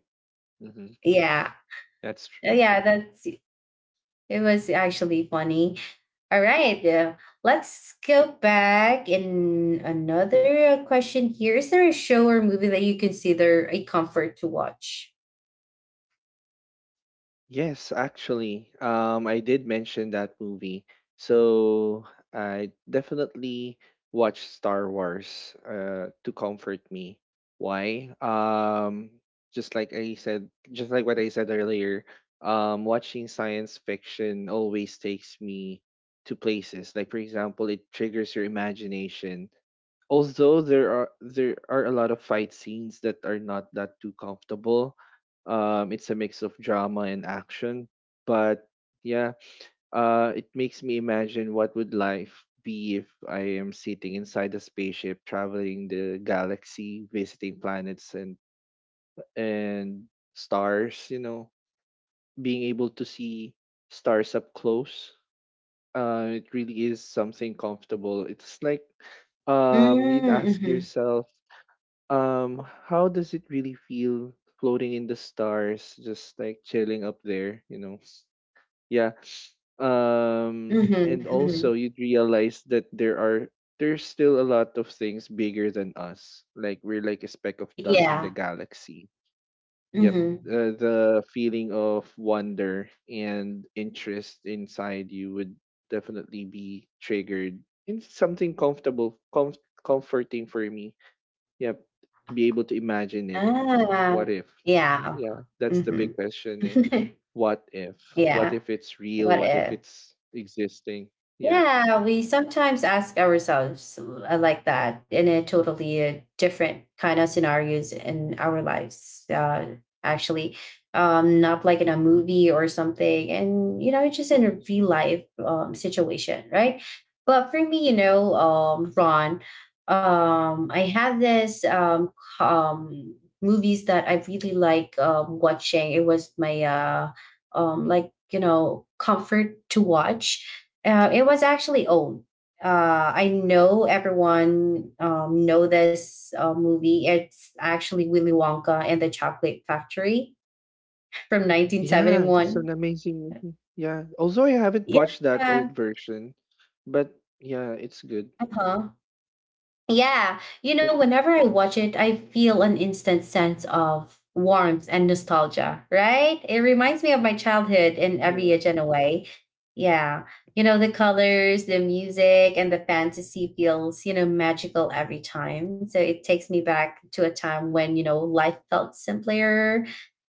[SPEAKER 2] Hmm.
[SPEAKER 1] Yeah.
[SPEAKER 2] That's
[SPEAKER 1] Uh,
[SPEAKER 2] true.
[SPEAKER 1] yeah, that's, it was actually funny. All right, uh, let's go back in another question. Here is there a show or movie that you consider a comfort to watch?
[SPEAKER 2] Yes, actually, um, I did mention that movie. So I definitely watched Star Wars uh, to comfort me. Why? Um, just like I said, just like what I said earlier, um, watching science fiction always takes me to places. Like, for example, it triggers your imagination, although there are there are a lot of fight scenes that are not that too comfortable. Um it's a mix of drama and action, but yeah, uh it makes me imagine what would life be if I am sitting inside a spaceship, traveling the galaxy, visiting planets and and stars, you know being able to see stars up close. Uh it really is something comfortable. It's like, um you'd
[SPEAKER 1] Mm-hmm,
[SPEAKER 2] ask
[SPEAKER 1] mm-hmm,
[SPEAKER 2] yourself, um, how does it really feel floating in the stars, just like chilling up there, you know? Yeah. Um, and
[SPEAKER 1] mm-hmm.
[SPEAKER 2] also you'd realize that there are there's still a lot of things bigger than us. Like we're like a speck of dust in
[SPEAKER 1] Yeah.
[SPEAKER 2] the galaxy. Yep.
[SPEAKER 1] Mhm.
[SPEAKER 2] Uh, the feeling of wonder and interest inside you would definitely be triggered. It's something comfortable, com- comforting for me. Yep. To be able to imagine it. What
[SPEAKER 1] Ah,
[SPEAKER 2] if?
[SPEAKER 1] yeah, of
[SPEAKER 2] Yeah,
[SPEAKER 1] cour
[SPEAKER 2] that's the big
[SPEAKER 1] mhm.
[SPEAKER 2] question, eh. What if? What
[SPEAKER 1] Yeah,
[SPEAKER 2] if it's real?
[SPEAKER 1] what
[SPEAKER 2] What if
[SPEAKER 1] if?
[SPEAKER 2] it's existing? Yeah.
[SPEAKER 1] Yeah, we sometimes ask ourselves uh, like that in a totally uh, different kind of scenarios in our lives, uh, actually, um, not like in a movie or something. And, you know, it's just in a real life um, situation, right? But for me, you know, um, Ron, um, I have this um, c- um, movies that I really like um, watching. It was my, uh, um, like, you know, comfort to watch. Uh, it was actually old. Uh, I know everyone um, know this uh, movie. It's actually Willy Wonka and the Chocolate Factory from
[SPEAKER 2] Yeah, it's an
[SPEAKER 1] nineteen seventy-one.
[SPEAKER 2] amazing movie. Yeah. Although I haven't watched that old
[SPEAKER 1] Yeah.
[SPEAKER 2] version, but yeah, it's good.
[SPEAKER 1] Uh-huh. Yeah, you
[SPEAKER 2] Yep.
[SPEAKER 1] know, whenever I watch it, I feel an instant sense of warmth and nostalgia, right? It reminds me of my childhood in
[SPEAKER 2] Yeah.
[SPEAKER 1] every age and a way. Yeah, you know, the colors, the music, and the fantasy feels, you know, magical every time. So it takes me back to a time when, you know, life felt simpler.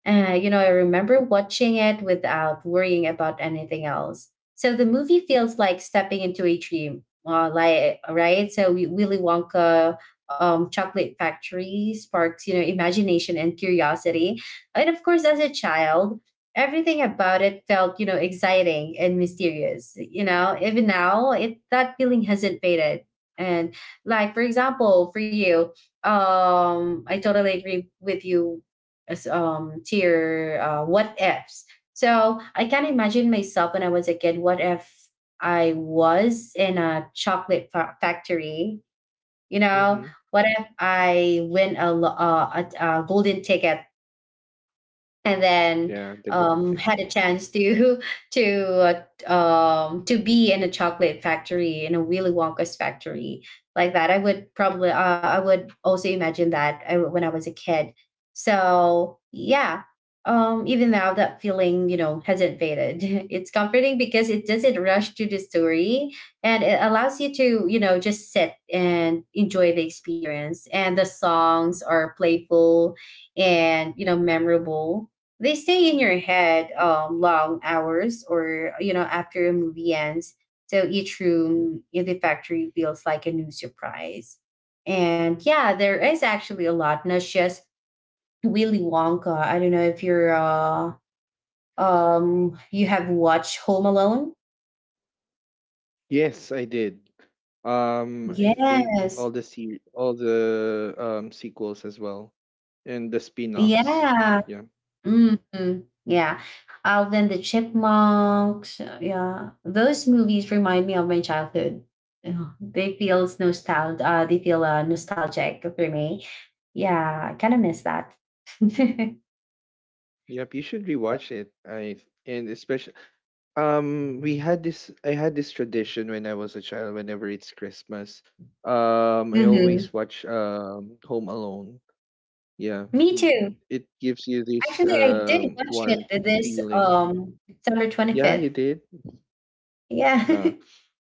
[SPEAKER 1] Uh, you know, I remember watching it without worrying about anything else. So the movie feels like stepping into a dream, uh, like, right? So we, Willy Wonka, um, Chocolate Factory, sparks, you know, imagination and curiosity. And of course, as a child, everything about it felt, you know, exciting and mysterious. You know, even now, it that feeling hasn't faded. And like, for example, for you, um I totally agree with you as, um to your, uh, what ifs. So I can imagine myself when I was a kid, what if I was in a chocolate fa- factory? You know,
[SPEAKER 2] Mm-hmm.
[SPEAKER 1] what if I win a, lo- uh, a, a golden ticket and then,
[SPEAKER 2] Yeah, the good
[SPEAKER 1] um,
[SPEAKER 2] detective.
[SPEAKER 1] had a chance to to uh, um, to be in a chocolate factory, in a Willy Wonka's factory like that? I would probably uh, I would also imagine that I, when I was a kid. So yeah, um, even now that feeling, you know, hasn't faded. It's comforting because it doesn't rush to the story, and it allows you to, you know, just sit and enjoy the experience. And the songs are playful and, you know, memorable. They stay in your head um, long hours or, you know, after a movie ends. So each room in the factory feels like a new surprise. And yeah, there is actually a lot, not just Willy Wonka. I don't know if you're, uh, um, you have watched Home Alone.
[SPEAKER 2] Yes, I did. Um, I think all
[SPEAKER 1] Yes.
[SPEAKER 2] the se- all the um sequels as well, and the spin-offs.
[SPEAKER 1] Yeah.
[SPEAKER 2] Yeah.
[SPEAKER 1] Mm, yeah. Alvin and the Chipmunks. uh, Yeah. Those movies remind me of my childhood. Yeah, they feel nostalgic. Uh, they feel uh, nostalgic for me. Yeah, I kind of miss that.
[SPEAKER 2] Yep, you should rewatch it. I and especially Um, we had this, I had this tradition when I was a child, whenever it's Christmas. Um, I
[SPEAKER 1] Hmm,
[SPEAKER 2] always watch um Home Alone. Yeah.
[SPEAKER 1] me
[SPEAKER 2] Mm.
[SPEAKER 1] too.
[SPEAKER 2] It gives you this
[SPEAKER 1] Actually, I did
[SPEAKER 2] um
[SPEAKER 1] watch
[SPEAKER 2] warm
[SPEAKER 1] it this
[SPEAKER 2] feeling.
[SPEAKER 1] um September
[SPEAKER 2] Yeah,
[SPEAKER 1] 25th.
[SPEAKER 2] you did.
[SPEAKER 1] Yeah.
[SPEAKER 2] Ah,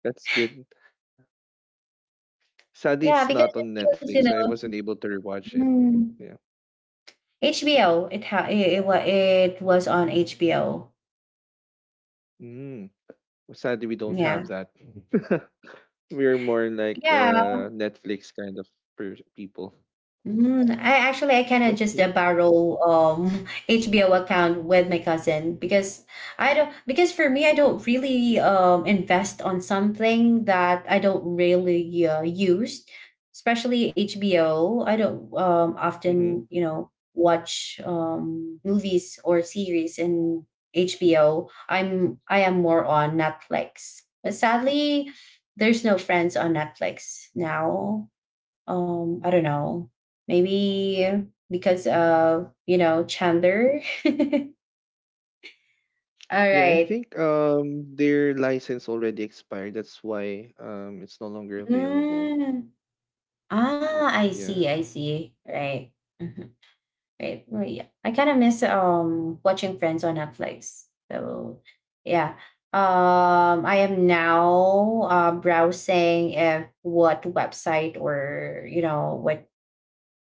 [SPEAKER 2] that's good. Sadly,
[SPEAKER 1] Yeah,
[SPEAKER 2] it's
[SPEAKER 1] because
[SPEAKER 2] not
[SPEAKER 1] it
[SPEAKER 2] on
[SPEAKER 1] feels, you
[SPEAKER 2] Netflix, so I wasn't
[SPEAKER 1] know,
[SPEAKER 2] able to rewatch it.
[SPEAKER 1] mm,
[SPEAKER 2] Yeah.
[SPEAKER 1] H B O. It, ha- it, it, wa- it was on H B O.
[SPEAKER 2] Mm. Sadly, we don't have
[SPEAKER 1] Yeah.
[SPEAKER 2] that. We're more like
[SPEAKER 1] Yeah,
[SPEAKER 2] uh Netflix kind of per- people.
[SPEAKER 1] mm, I actually, I kind of
[SPEAKER 2] But
[SPEAKER 1] just
[SPEAKER 2] yeah.
[SPEAKER 1] uh, borrow um H B O account with my cousin, because I don't, because for me, I don't really um invest on something that I don't really uh, use, especially H B O. I don't um
[SPEAKER 2] Mhm.
[SPEAKER 1] often, you know, watch um movies or series in H B O. I'm I am more on Netflix, but sadly there's no friends on Netflix now. um I don't know, maybe because of, you know, Chandler. All
[SPEAKER 2] Yeah, I
[SPEAKER 1] right.
[SPEAKER 2] think um their license already expired. That's why um it's no longer available.
[SPEAKER 1] Mm. Ah, i see
[SPEAKER 2] Yeah.
[SPEAKER 1] I see, right. Mhm. Right, well, yeah. I kind of miss um watching friends on Netflix, so yeah. um I am now uh browsing if what website, or you know, what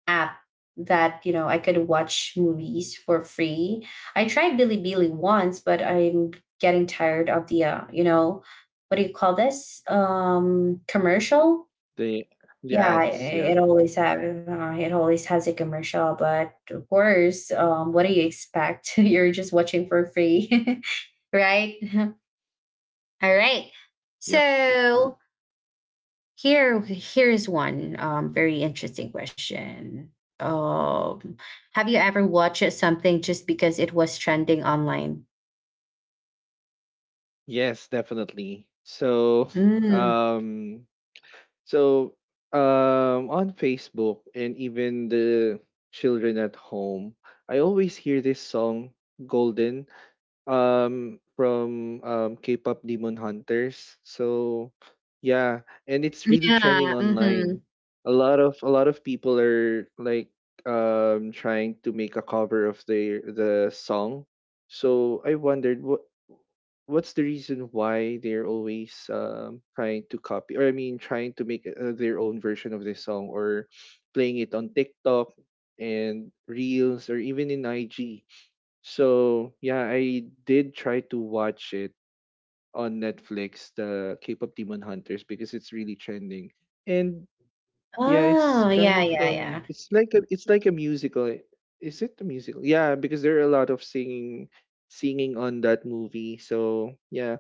[SPEAKER 1] app that, you know, I could watch movies for free. I tried Bilibili once, but I'm getting tired of the uh, you know, what do you call this, um, commercial?
[SPEAKER 2] The the
[SPEAKER 1] Yeah, i-
[SPEAKER 2] ads, yeah.
[SPEAKER 1] it always have uh, it always has a commercial, but of course, um, what do you expect? You're just watching for free, right? All right.
[SPEAKER 2] Yep.
[SPEAKER 1] So, Here, here is one, um, very interesting question. Um, have you ever watched something just because it was trending online?
[SPEAKER 2] Yes, definitely. So
[SPEAKER 1] Mm.
[SPEAKER 2] um so um on Facebook and even the children at home, I always hear this song Golden um from um K-pop Demon Hunters. So yeah, and it's really trending
[SPEAKER 1] Yeah. Mm-hmm.
[SPEAKER 2] online. A lot of a lot of people are like um trying to make a cover of the the song. So I wondered what what's the reason why they're always um trying to copy, or I mean, trying to make uh, their own version of this song, or playing it on TikTok and Reels, or even in I G. So yeah, I did try to watch it on Netflix, the K-pop Demon Hunters, because it's really trending. And yeah, it's
[SPEAKER 1] Oh,
[SPEAKER 2] kind
[SPEAKER 1] yeah,
[SPEAKER 2] of,
[SPEAKER 1] yeah,
[SPEAKER 2] um,
[SPEAKER 1] yeah.
[SPEAKER 2] it's like a it's like a musical, eh? Is it a musical? Yeah, because there are a lot of singing singing on that movie. So yeah,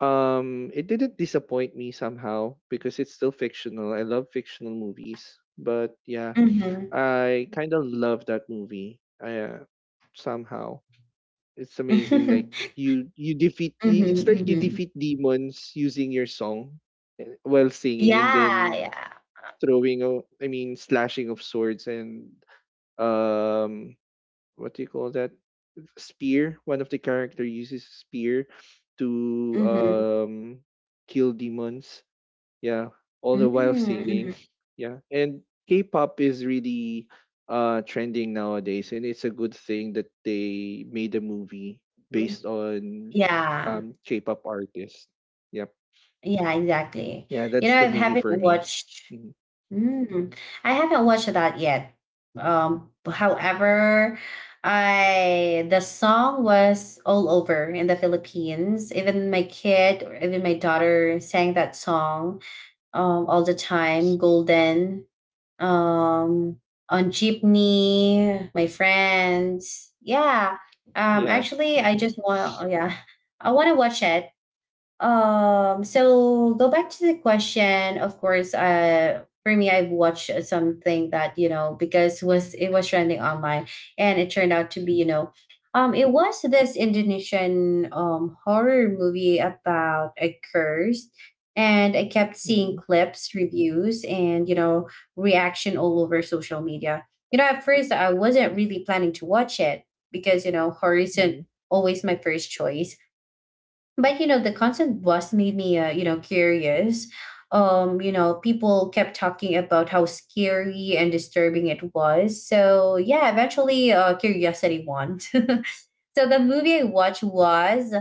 [SPEAKER 2] um, it didn't disappoint me somehow because it's still fictional. I love fictional movies, but yeah,
[SPEAKER 1] Mm-hmm.
[SPEAKER 2] I kind of love that movie. I uh, somehow. It's amazing,
[SPEAKER 1] Mm-hmm,
[SPEAKER 2] like, you you defeat I it's like you
[SPEAKER 1] mm-hmm.
[SPEAKER 2] defeat demons using your song, eh, while singing, and
[SPEAKER 1] Yeah,
[SPEAKER 2] then
[SPEAKER 1] yeah.
[SPEAKER 2] throwing a I mean, slashing of swords and, um, what do you call that? Spear? One of the character uses spear to,
[SPEAKER 1] Mm-hmm.
[SPEAKER 2] um, kill demons, yeah, all the
[SPEAKER 1] Mm-hmm,
[SPEAKER 2] while singing.
[SPEAKER 1] mm-hmm.
[SPEAKER 2] Yeah, and K-pop is really uh trending nowadays, and it's a good thing that they made a movie based on
[SPEAKER 1] Yeah.
[SPEAKER 2] um K-pop artists. Yep.
[SPEAKER 1] Yeah, exactly.
[SPEAKER 2] Yeah,
[SPEAKER 1] You know,
[SPEAKER 2] that's
[SPEAKER 1] I
[SPEAKER 2] the movie
[SPEAKER 1] haven't
[SPEAKER 2] for me.
[SPEAKER 1] watched.
[SPEAKER 2] Mhm.
[SPEAKER 1] Mm, I haven't watched that yet. Um, however, I, the song was all over in the Philippines. Even my kid, or even my daughter, sang that song um all the time.
[SPEAKER 2] S-
[SPEAKER 1] Golden, um on jeepney, my friends. Yeah. Um,
[SPEAKER 2] yeah.
[SPEAKER 1] actually, I
[SPEAKER 2] Hmm.
[SPEAKER 1] just want. Oh, yeah, I want to watch it. Um, so, go back to the question. Of course, uh, for me, I watched something that, you know, because was it was trending online, and it turned out to be, you know, um, it was this Indonesian um horror movie about a curse. And I kept seeing
[SPEAKER 2] Hmm.
[SPEAKER 1] clips, reviews, and, you know, reaction all over social media. You know, at first, I wasn't really planning to watch it, because, you know, horror isn't
[SPEAKER 2] Hmm.
[SPEAKER 1] always my first choice. But, you know, the constant buzz made me, uh, you know, curious. Um you know, people kept talking about how scary and disturbing it was, so yeah, eventually, uh curiosity won. So the movie I watched was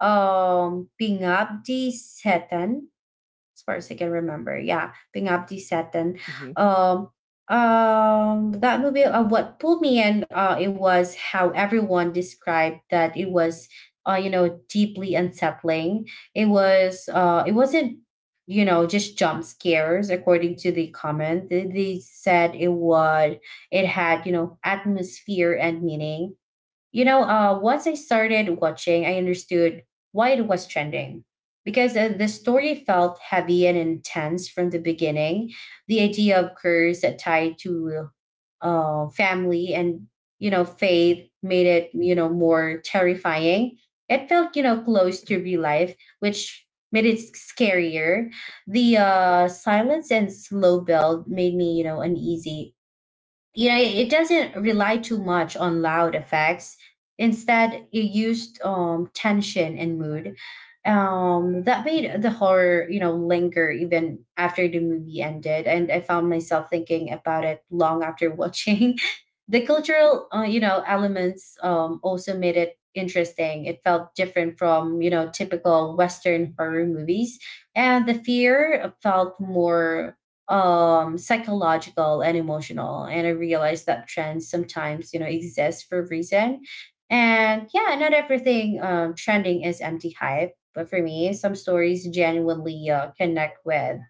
[SPEAKER 1] um Pingabdi Setan, as far as I can remember. Yeah, Pingabdi Setan.
[SPEAKER 2] Hmm.
[SPEAKER 1] Um, um, that movie. Uh, what pulled me in, uh, it was how everyone described that it was, uh, you know, deeply unsettling. It was, uh, it wasn't, you know, just jump scares. According to the comment, they, they said it would. It had, you know, atmosphere and meaning. You know, uh, once I started watching, I understood why it was trending. Because uh, the story felt heavy and intense from the beginning. The idea of curse that tied to uh, family and, you know, faith, made it, you know, more terrifying. It felt, you know, close to real life, which made it scarier. The uh, silence and slow build made me, you know, uneasy. You know, it doesn't rely too much on loud effects. Instead, it used um, tension and mood, um, that made
[SPEAKER 2] Hmm.
[SPEAKER 1] the horror, you know, linger even after the movie ended. And I found myself thinking about it long after watching. The cultural, uh, you know, elements, um, also made it interesting. It felt different from, you know, typical Western horror movies. And the fear felt more um psychological and emotional. And I realized that trends sometimes, you know, exist for a reason. And yeah, not everything um trending is empty hype. But for me, some stories genuinely, uh, connect with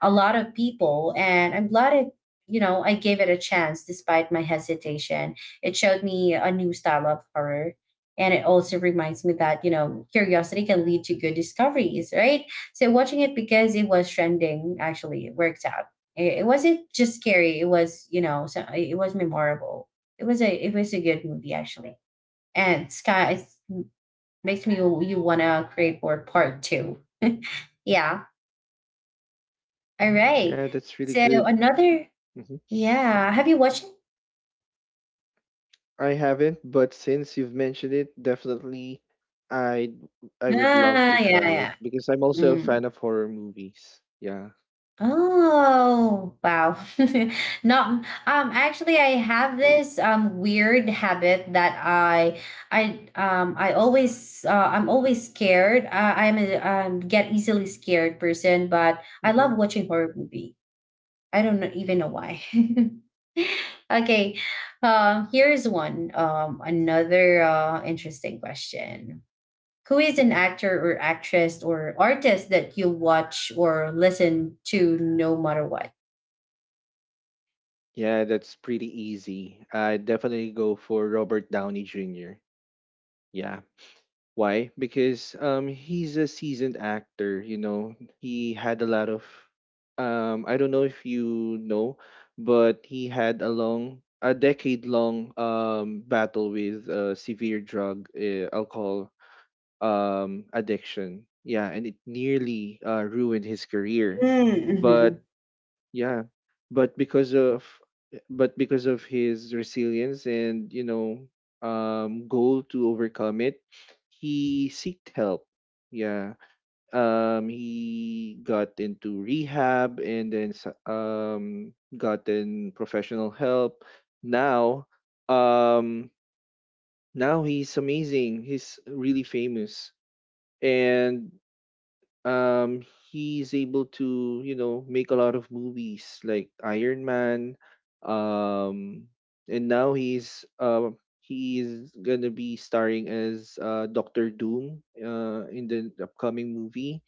[SPEAKER 1] a lot of people, and I'm glad it, you know, I gave it a chance despite my hesitation. It showed me a new style of horror, and it also reminds me that, you know, curiosity can lead to good discoveries, right? So watching it because it was trending actually worked out. It, it wasn't just scary. It was, you know, so it was memorable. It was a it was a good movie actually. And Sky, it makes me, you wanna create for part two. Yeah. All right.
[SPEAKER 2] Yeah, that's really
[SPEAKER 1] So
[SPEAKER 2] good.
[SPEAKER 1] another,
[SPEAKER 2] Hmm.
[SPEAKER 1] yeah. Have you watched it?
[SPEAKER 2] I haven't, but since you've mentioned it, definitely i I would love
[SPEAKER 1] Ah,
[SPEAKER 2] to
[SPEAKER 1] yeah,
[SPEAKER 2] try
[SPEAKER 1] yeah.
[SPEAKER 2] it because I'm also a fan
[SPEAKER 1] Mm.
[SPEAKER 2] of horror movies. Yeah.
[SPEAKER 1] Oh, wow. Not um, actually, I have this um weird habit that I I um I always uh, I'm always scared. Uh, I'm a um, get easily scared person, but I
[SPEAKER 2] Hmm.
[SPEAKER 1] love watching horror movie. I don't know, even know why. Okay. Um here's one um another uh interesting question: who is an actor or actress or artist that you watch or listen to no matter what?
[SPEAKER 2] Yeah, that's pretty easy. I definitely go for Robert Downey Junior Yeah. Why? Because um he's a seasoned actor, you know. He had a lot of um I don't know if you know, but he had a long a decade long um battle with uh, severe drug, uh, alcohol um addiction. Yeah, and it nearly uh, ruined his career.
[SPEAKER 1] Mm-hmm.
[SPEAKER 2] But, yeah, but because of but because of his resilience and, you know, um goal to overcome it, he sought help. Yeah. Um he got into rehab and then s- um gotten professional help. Now um now he's amazing. He's really famous. And um he's able to, you know, make a lot of movies like Iron Man, um and now he's um he's gonna be starring as uh Doctor Doom uh in the upcoming movie.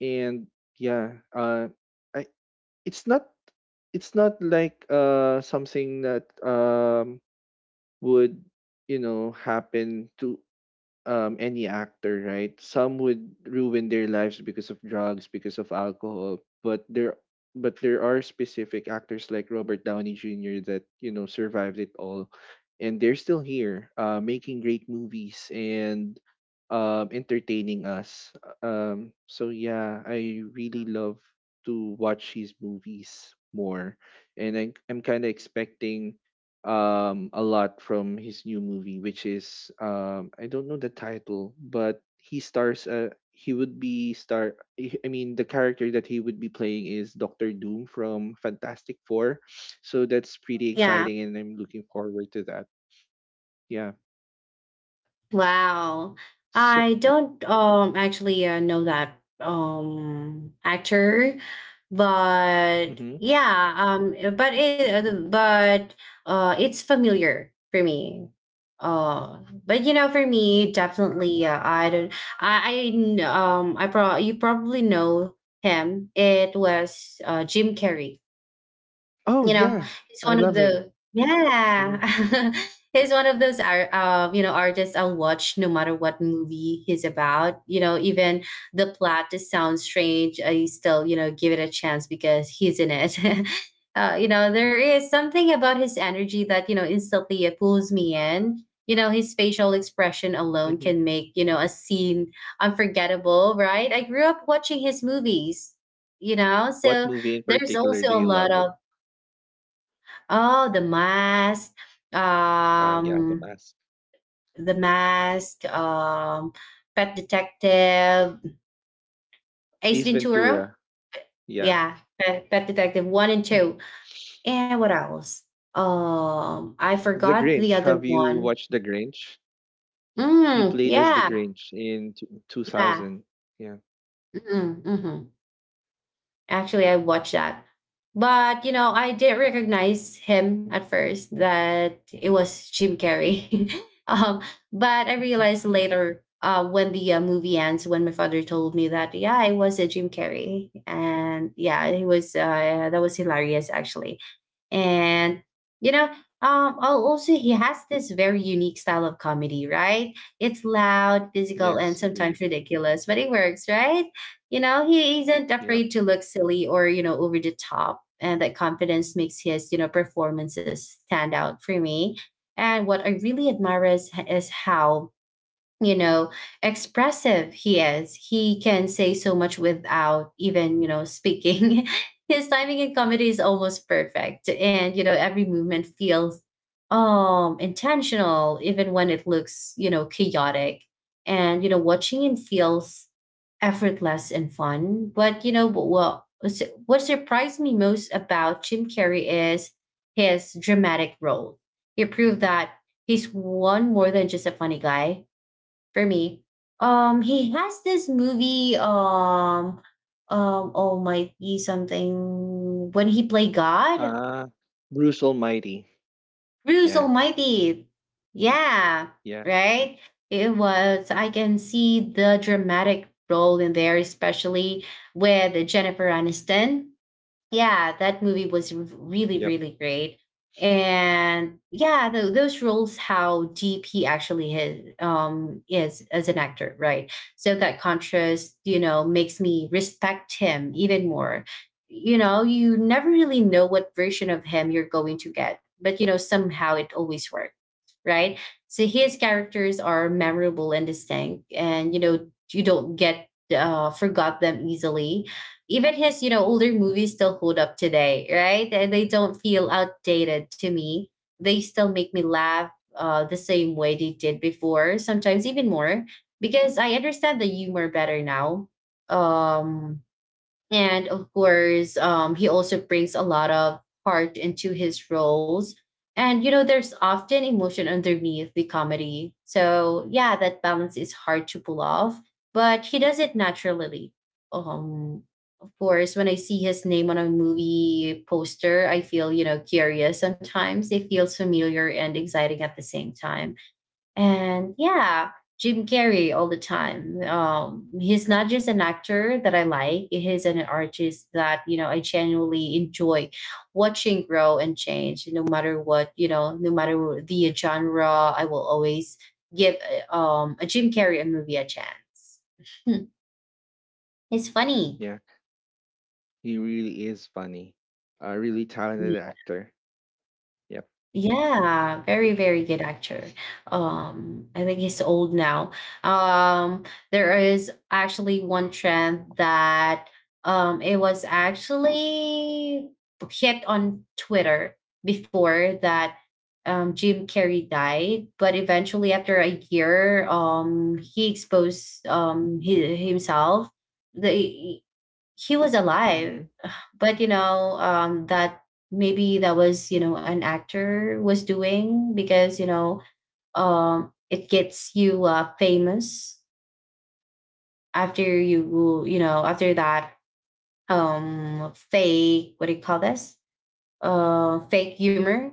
[SPEAKER 2] And yeah, uh I it's not it's not like uh something that um would, you know, happen to, um, any actor, right? Some would ruin their lives because of drugs, because of alcohol, but there but there are specific actors like Robert Downey Junior that, you know, survived it all, and they're still here, uh, making great movies and, um, entertaining us. Um, so yeah, I really love to watch his movies more, and I, I'm kind of expecting um a lot from his new movie, which is um I don't know the title, but he stars uh he would be star I I mean the character that he would be playing is Dr. Doom from Fantastic Four. So that's pretty
[SPEAKER 1] Yeah,
[SPEAKER 2] exciting, and I'm looking forward to that. Yeah,
[SPEAKER 1] wow.
[SPEAKER 2] so.
[SPEAKER 1] I don't um actually uh, know that um actor, but
[SPEAKER 2] Hmm.
[SPEAKER 1] yeah, um eh, but it but uh it's familiar for me. Uh but you know, for me definitely, uh, I don't I, I kn- um I pro you probably know him. It was uh Jim Carrey.
[SPEAKER 2] Oh
[SPEAKER 1] You know,
[SPEAKER 2] yeah,
[SPEAKER 1] it's one
[SPEAKER 2] I
[SPEAKER 1] of
[SPEAKER 2] love him.
[SPEAKER 1] the
[SPEAKER 2] Hmm.
[SPEAKER 1] yeah. He's one of those art, uh, you know, artists I'll watch no matter what movie he's about. You know, even the plot just sounds strange. I still, you know, give it a chance because he's in it. Uh, you know, there is something about his energy that you know instantly it pulls me in. You know, his facial expression alone
[SPEAKER 2] Hmm.
[SPEAKER 1] can make you know a scene unforgettable, right? I grew up watching his movies. You know,
[SPEAKER 2] What
[SPEAKER 1] so
[SPEAKER 2] movie in
[SPEAKER 1] there's
[SPEAKER 2] particular
[SPEAKER 1] also
[SPEAKER 2] do
[SPEAKER 1] a
[SPEAKER 2] you
[SPEAKER 1] lot
[SPEAKER 2] love?
[SPEAKER 1] of. Oh, the mask,
[SPEAKER 2] Ah yeah, the
[SPEAKER 1] um,
[SPEAKER 2] Mask,
[SPEAKER 1] the mask, um, Pet Detective, Ace
[SPEAKER 2] Ace
[SPEAKER 1] Ventura.
[SPEAKER 2] Ventura. Yeah.
[SPEAKER 1] Yeah, Pet, Pet Detective one and
[SPEAKER 2] Hmm.
[SPEAKER 1] two, and what else? Um, I
[SPEAKER 2] The
[SPEAKER 1] forgot the
[SPEAKER 2] Grinch,
[SPEAKER 1] other
[SPEAKER 2] have you
[SPEAKER 1] one.
[SPEAKER 2] watched The Grinch? He
[SPEAKER 1] Mm,
[SPEAKER 2] played as the
[SPEAKER 1] yeah,
[SPEAKER 2] Grinch in t-
[SPEAKER 1] yeah.
[SPEAKER 2] two thousand. Yeah.
[SPEAKER 1] Mm-hmm, mm-hmm. Actually, I watched that. But, you know, I didn't recognize him at first that it was Jim Carrey. Um, but I realized later uh, when the uh, movie ends, when my father told me that, yeah, it was a Jim Carrey. And yeah, it was, uh, that was hilarious, actually. And you know, um al- also he has this very unique style of comedy, right? It's loud, physical, and
[SPEAKER 2] Yes,
[SPEAKER 1] sometimes
[SPEAKER 2] agree.
[SPEAKER 1] ridiculous, but it works, right? You know, he isn't
[SPEAKER 2] Yeah.
[SPEAKER 1] afraid to look silly or, you know, over the top, and that confidence makes his, you know, performances stand out for me. And what I really admire is, is how, you know, expressive he is. He can say so much without even, you know, speaking. His timing in comedy is almost perfect, and you know every movement feels um intentional even when it looks, you know, chaotic. And you know, watching him feels effortless and fun. But you know what, what surprised me most about Jim Carrey is his dramatic role. He proved that he's one more than just a funny guy, for me. Um, he has this movie. Um, um, Almighty something, when he play God.
[SPEAKER 2] Uh Bruce Almighty.
[SPEAKER 1] Bruce
[SPEAKER 2] Yeah.
[SPEAKER 1] Almighty. Yeah,
[SPEAKER 2] Yeah.
[SPEAKER 1] right. It was. I can see the dramatic role in there, especially with Jennifer Aniston. Yeah, that movie was r- really,
[SPEAKER 2] Yep.
[SPEAKER 1] really great. And yeah, tho- those roles, how deep he actually is, um, is as an actor, right? So that contrast, you know, makes me respect him even more. You know, you never really know what version of him you're going to get, but you know, somehow it always works, right? So his characters are memorable and distinct, and you know you don't get uh, forgot them easily. Even his you know older movies still hold up today, right? And they don't feel outdated to me. They still make me laugh uh, the same way they did before, sometimes even more, because I understand the humor better now. Um, and of course, um, he also brings a lot of heart into his roles. And, you know, there's often emotion underneath the comedy. So, yeah, that balance is hard to pull off, but he does it naturally. Um, of course, when I see his name on a movie poster, I feel, you know, curious sometimes. It feels familiar and exciting at the same time. And yeah, Jim Carrey all the time. Um, he's not just an actor that I like; he's an artist that you know I genuinely enjoy watching grow and change. No matter what, you know, no matter the genre, I will always give uh, um, a Jim Carrey a movie a chance. It's funny.
[SPEAKER 2] Yeah. He really is funny. A really talented actor. Yeah.
[SPEAKER 1] Yeah, very, very good actor. Um, I think he's old now. Um, there is actually one trend that um it was actually hit on Twitter before that, um Jim Carrey died, but eventually after a year, um, he exposed um hi- himself. The He was
[SPEAKER 2] Mm-hmm.
[SPEAKER 1] alive but you know, um, that maybe that was, you know, an actor was doing, because you know, um, it gets you, uh, famous after you, you know, after that, um, fake, what do you call this, uh fake humor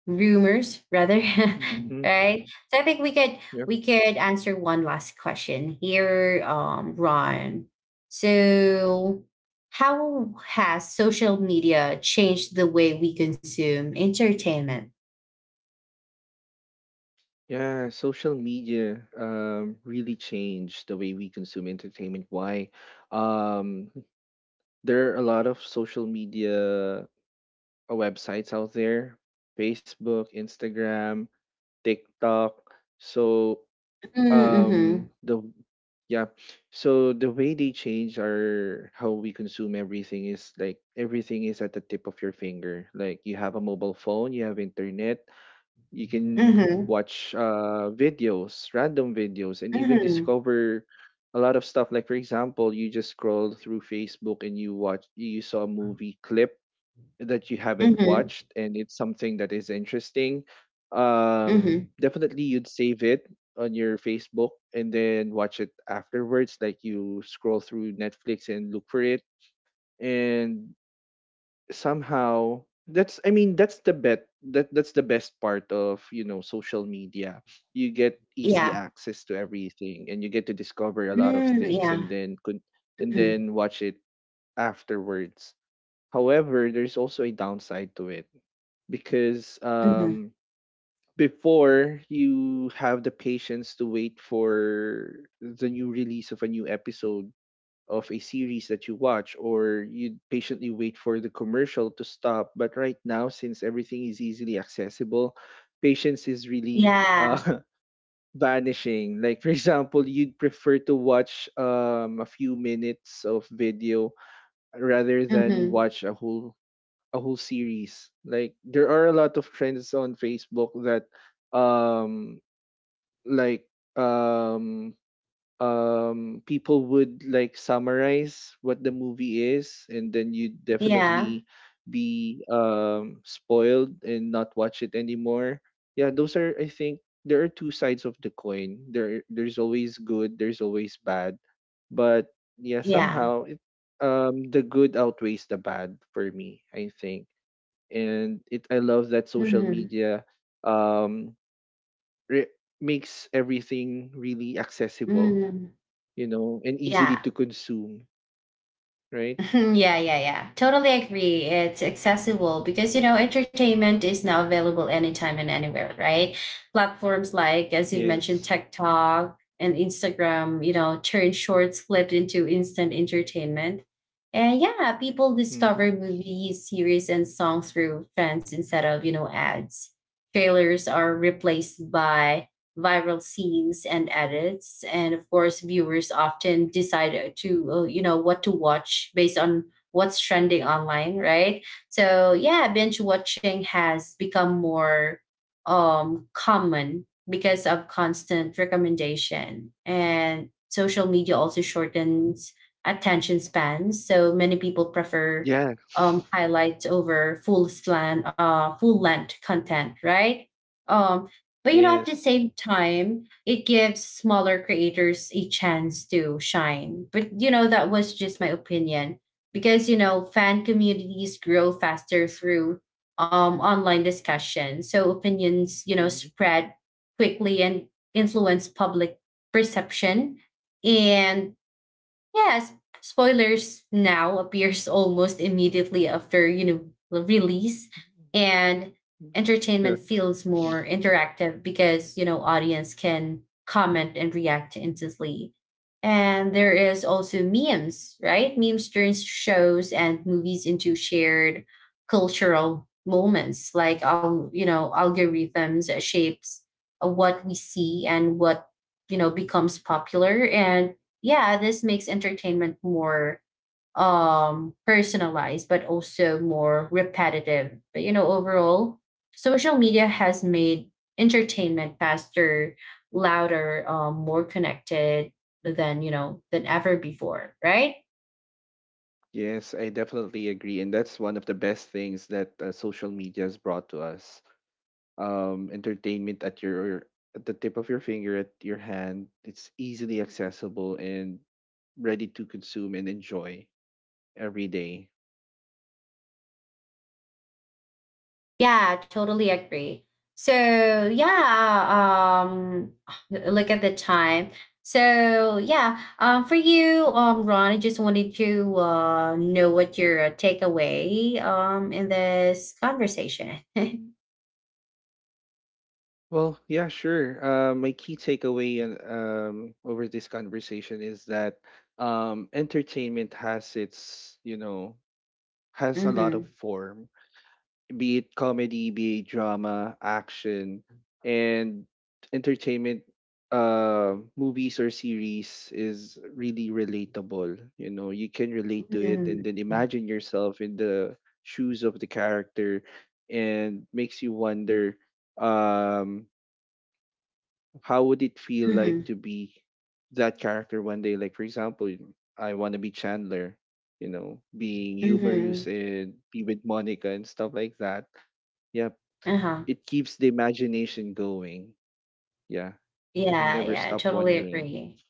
[SPEAKER 1] rumors rather.
[SPEAKER 2] Mm-hmm.
[SPEAKER 1] Right, so I think we could
[SPEAKER 2] Yep.
[SPEAKER 1] we could answer one last question here, um, Ron. So how has social media changed the way we consume entertainment?
[SPEAKER 2] Yeah, social media um really changed the way we consume entertainment. Why? Um there are a lot of social media uh, websites out there: Facebook, Instagram, TikTok. So
[SPEAKER 1] Mm-hmm.
[SPEAKER 2] um the yeah so the way they change our how we consume everything is like everything is at the tip of your finger. Like you have a mobile phone, you have internet, you can
[SPEAKER 1] Mm-hmm.
[SPEAKER 2] watch uh videos random videos, and even
[SPEAKER 1] Mm-hmm.
[SPEAKER 2] discover a lot of stuff. Like, for example, you just scroll through Facebook and you watch you saw a movie clip that you haven't
[SPEAKER 1] Mm-hmm.
[SPEAKER 2] watched and it's something that is interesting. Um,
[SPEAKER 1] Mm-hmm.
[SPEAKER 2] definitely you'd save it on your Facebook and then watch it afterwards. Like you scroll through Netflix and look for it. And somehow that's, I mean, that's the bet that that's the best part of, you know, social media. You get easy
[SPEAKER 1] Yeah.
[SPEAKER 2] access to everything and you get to discover a lot of
[SPEAKER 1] Mm,
[SPEAKER 2] things
[SPEAKER 1] yeah.
[SPEAKER 2] and then could, and
[SPEAKER 1] Mm-hmm.
[SPEAKER 2] then watch it afterwards. However, there's also a downside to it because,
[SPEAKER 1] Mm-hmm.
[SPEAKER 2] um, before you have the patience to wait for the new release of a new episode of a series that you watch, or you patiently wait for the commercial to stop. But right now, since everything is easily accessible, patience is really
[SPEAKER 1] Yeah.
[SPEAKER 2] uh, vanishing. Like, for example, you'd prefer to watch um, a few minutes of video rather than
[SPEAKER 1] Mm-hmm.
[SPEAKER 2] watch a whole a whole series. Like there are a lot of trends on Facebook that, um like, um um people would like summarize what the movie is, and then you
[SPEAKER 1] Yeah,
[SPEAKER 2] definitely be um spoiled and not watch it anymore. Yeah, those are I think there are two sides of the coin. There there's always good, there's always bad. But yeah,
[SPEAKER 1] yeah.
[SPEAKER 2] somehow it um the good outweighs the bad for me, I think. And it I love that social
[SPEAKER 1] Mm-hmm.
[SPEAKER 2] media, um re- makes everything really accessible,
[SPEAKER 1] Mm-hmm.
[SPEAKER 2] you know, and easily
[SPEAKER 1] Yeah.
[SPEAKER 2] to consume, right?
[SPEAKER 1] Yeah, yeah, yeah. Totally agree. It's accessible because, you know, entertainment is now available anytime and anywhere, right? Platforms like, as you mentioned,
[SPEAKER 2] Yes.
[SPEAKER 1] TikTok and Instagram, you know, turn shorts flipped into instant entertainment. And yeah, people
[SPEAKER 2] Hmm.
[SPEAKER 1] discover movies, series, and songs through fans instead of, you know, ads. Trailers are replaced by viral scenes and edits, and of course viewers often decide to, uh, you know, what to watch based on what's trending online, right? So yeah, binge watching has become more um common because of constant recommendation, and social media also shortens attention spans, so many people prefer
[SPEAKER 2] Yeah.
[SPEAKER 1] um highlights over full slan uh full length content, right? Um, but you know, at the
[SPEAKER 2] Yes.
[SPEAKER 1] same time, it gives smaller creators a chance to shine. But you know, that was just my opinion, because you know, fan communities grow faster through um online discussion. So opinions, you know,
[SPEAKER 2] Mhm.
[SPEAKER 1] spread quickly and influence public perception. And yes, spoilers now appears almost immediately after, you know, the release, and entertainment
[SPEAKER 2] Yeah.
[SPEAKER 1] feels more interactive because, you know, audience can comment and react instantly. And there is also memes, right? Memes turns shows and movies into shared cultural moments. Like, al- you know, algorithms shapes uh, what we see and what, you know, becomes popular, and yeah, this makes entertainment more um personalized but also more repetitive. But you know, overall, social media has made entertainment faster, louder, um, more connected than, you know, than ever before, right?
[SPEAKER 2] Yes, I definitely agree, and that's one of the best things that uh, social media has brought to us. Um, entertainment at your, at the tip of your finger, at your hand. It's easily accessible and ready to consume and enjoy every day.
[SPEAKER 1] Yeah, totally agree. So yeah, um, look at the time. So yeah, um, for you, um, Ron, I just wanted to uh, know what your uh, takeaway um in this conversation.
[SPEAKER 2] Well, yeah, sure. Uh, my key takeaway and, um, over this conversation is that, um, entertainment has its, you know, has a lot of
[SPEAKER 1] Mm-hmm.
[SPEAKER 2] form. Be it comedy, be it drama, action, and entertainment, uh, movies or series is really relatable. You know, you can relate to it and then
[SPEAKER 1] Mm-hmm.
[SPEAKER 2] imagine yourself in the shoes of the character, and makes you wonder, um, how would it feel like
[SPEAKER 1] Mm-hmm.
[SPEAKER 2] to be that character one day? Like, for example, I want to be Chandler, you know, being
[SPEAKER 1] Mm-hmm.
[SPEAKER 2] humorous and be with Monica and stuff like that. Yeah,
[SPEAKER 1] Uh-huh.
[SPEAKER 2] it keeps the imagination going. Yeah. And
[SPEAKER 1] Yeah,
[SPEAKER 2] never
[SPEAKER 1] yeah,
[SPEAKER 2] stop
[SPEAKER 1] totally
[SPEAKER 2] wondering.
[SPEAKER 1] agree.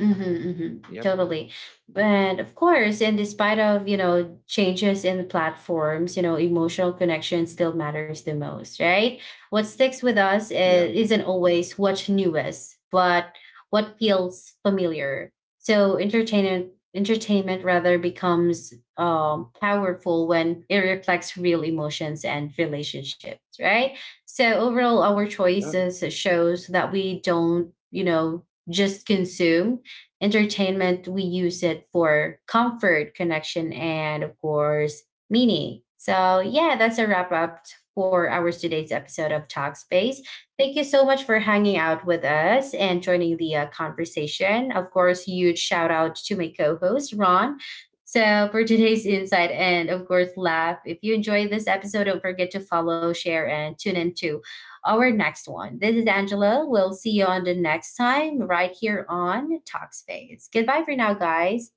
[SPEAKER 1] Mm-hmm, hmm,
[SPEAKER 2] Yep.
[SPEAKER 1] totally. And of course, in despite of, you know, changes in platforms, you know, emotional connection still matters the most, right? What sticks with us
[SPEAKER 2] Yeah.
[SPEAKER 1] is, isn't always what's newest, but what feels familiar. So entertainment entertainment rather becomes, um, powerful when it reflects real emotions and relationships, right? So overall, our
[SPEAKER 2] Yeah.
[SPEAKER 1] choices shows that we don't, you know, just consume entertainment, we use it for comfort, connection, and of course, meaning. So, yeah, that's a wrap up for our today's episode of Talkspace. Thank you so much for hanging out with us and joining the, uh, conversation. Of course, huge shout out to my co host, Ron. So, for today's insight and, of course, laugh, if you enjoyed this episode, don't forget to follow, share, and tune in too our next one. This is Angela. We'll see you on the next time right here on Talkspace. Goodbye for now, guys.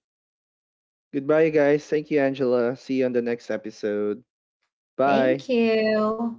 [SPEAKER 2] Goodbye, guys. Thank you, Angela. See you on the next episode.
[SPEAKER 1] Thank
[SPEAKER 2] Bye.
[SPEAKER 1] you.